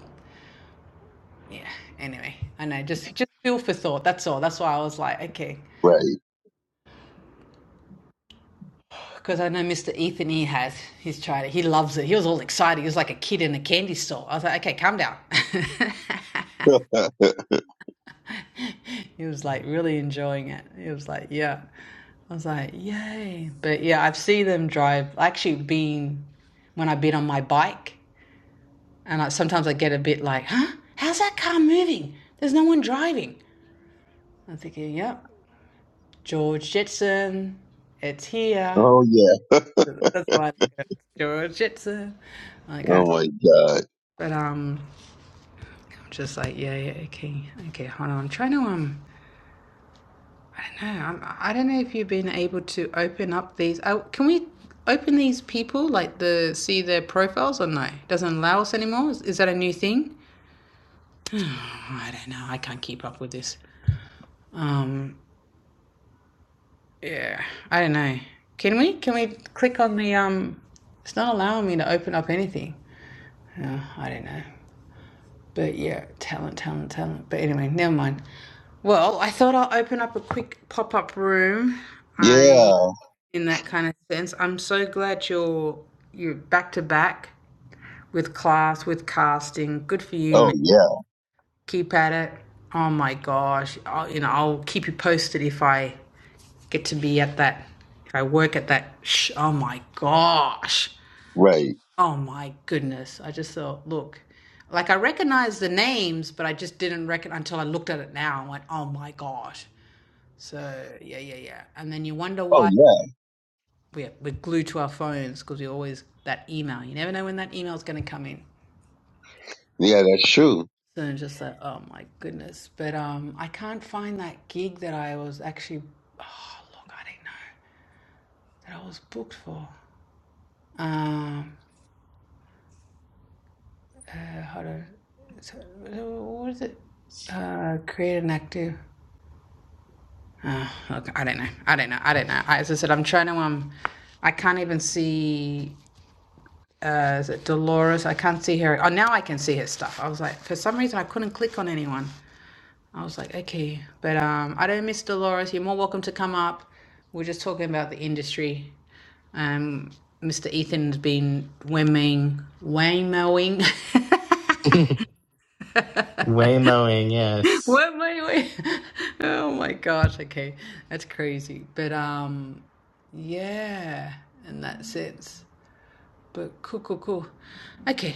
yeah. Anyway, I know, just just feel for thought. That's all. That's why I was like, okay, Right. because I know Mr. Ethan. He has. He's tried it. He loves it. He was all excited. He was like a kid in a candy store. I was like, okay, calm down. he was like really enjoying it. He was like, yeah. I was like, yay. But yeah, I've seen them drive. Actually, been when I've been on my bike. And I, sometimes I get a bit like, huh? How's that car moving? There's no one driving. I'm thinking, yep, George Jetson, it's here. oh yeah. That's how I look at George Jetson. Like Oh that. my God. But um, I'm just like, yeah, yeah, okay, okay, hold on. I'm trying to, um, I don't know. I'm, I don't know if you've been able to open up these. Oh, can we open these people, like the see their profiles or no? Doesn't allow us anymore? Is, is that a new thing? I don't know. I can't keep up with this. Um, Yeah, I don't know. Can we can we click on the um? It's not allowing me to open up anything. Uh, I don't know. But yeah, talent, talent, talent. But anyway, never mind. Well, I thought I'll open up a quick pop up room. I, Yeah. in that kind of sense, I'm so glad you're you're back to back with class, with casting. Good for you, Oh man. yeah. Keep at it. Oh my gosh. I'll, you know, I'll keep you posted if I get to be at that. I work at that. Sh- oh my gosh. Right. Oh my goodness. I just thought, look, like I recognized the names, but I just didn't reckon until I looked at it now and went, oh my gosh. So yeah, yeah, yeah. And then you wonder Oh why yeah. we're, we're glued to our phones because we always that email. You never know when that email is going to come in. Yeah, that's true. So just like, oh my goodness. But um, I can't find that gig that I was actually. Oh look, I did not know that I was booked for. Um, Uh, hold on. So, so what is it? Uh, create an active. Uh, okay, I don't know. I don't know. I don't know. As I said, I'm trying to um, I can't even see. Uh, is it Dolores? I can't see her. Oh, now I can see her stuff. I was like, for some reason, I couldn't click on anyone. I was like, okay, but um, I don't miss Dolores. You're more welcome to come up. We're just talking about the industry. Um, Mr. Ethan's been whimming, whammoing. Waymoing, yes. What my way? Oh my gosh, okay. That's crazy. But um yeah, in that sense. But cool, cool, cool. Okay.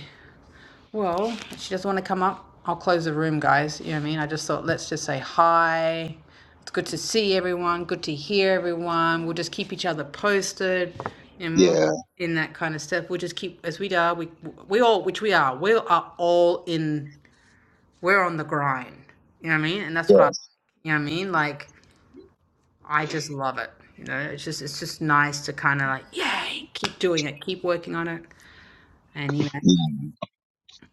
Well, she doesn't want to come up. I'll close the room, guys. You know what I mean? I just thought let's just say hi. It's good to see everyone, good to hear everyone. We'll just keep each other posted and we'll Yeah. in that kind of stuff. We'll just keep as we are, we we all which we are, we are all in we're on the grind. You know what I mean? And that's what I like. Yes. You know what I mean? Like I just love it. You know, it's just it's just nice to kind of like, yay, keep doing it, keep working on it. And you know,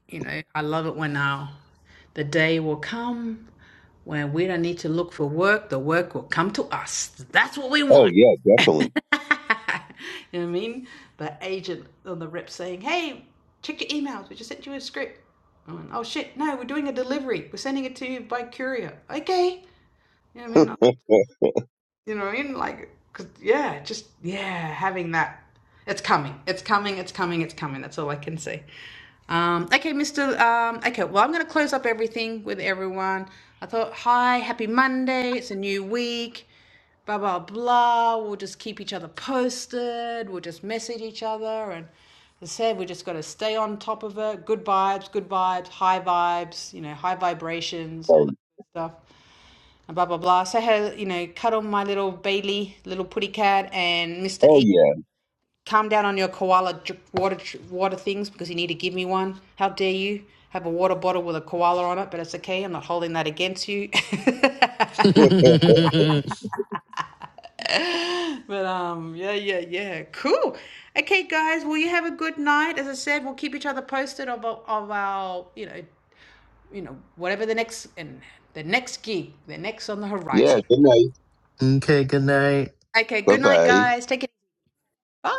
you know, I love it when now the day will come when we don't need to look for work. The work will come to us. That's what we Oh want. yeah, you definitely. know what I mean? The agent on the rep saying, "Hey, check your emails. We just sent you a script." I'm like, oh shit! No, we're doing a delivery. We're sending it to you by courier. Okay. You know what I mean? You know what I mean? Like, 'cause, yeah, just, yeah, having that. It's coming. It's coming. It's coming. It's coming. That's all I can say. Um, okay, Mr. Um, okay, well, I'm going to close up everything with everyone. I thought, hi, happy Monday. It's a new week. Blah, blah, blah. We'll just keep each other posted. We'll just message each other. And as I said, we just got to stay on top of it. Good vibes, good vibes, high vibes, you know, high vibrations, all Like, that stuff and blah blah blah. So I had you know cuddle my little Bailey, little putty cat, and Mister oh E. yeah. Calm down on your koala drip, water water things because you need to give me one. How dare you have a water bottle with a koala on it? But it's okay. I'm not holding that against you. but um, yeah, yeah, yeah, cool. Okay, guys. Well, you have a good night. As I said, we'll keep each other posted of of our you know you know whatever the next and the next gig, the next on the Yeah, horizon. good night. okay, good night. Okay, Bye good night, bye. guys. Take it. easy. Bye.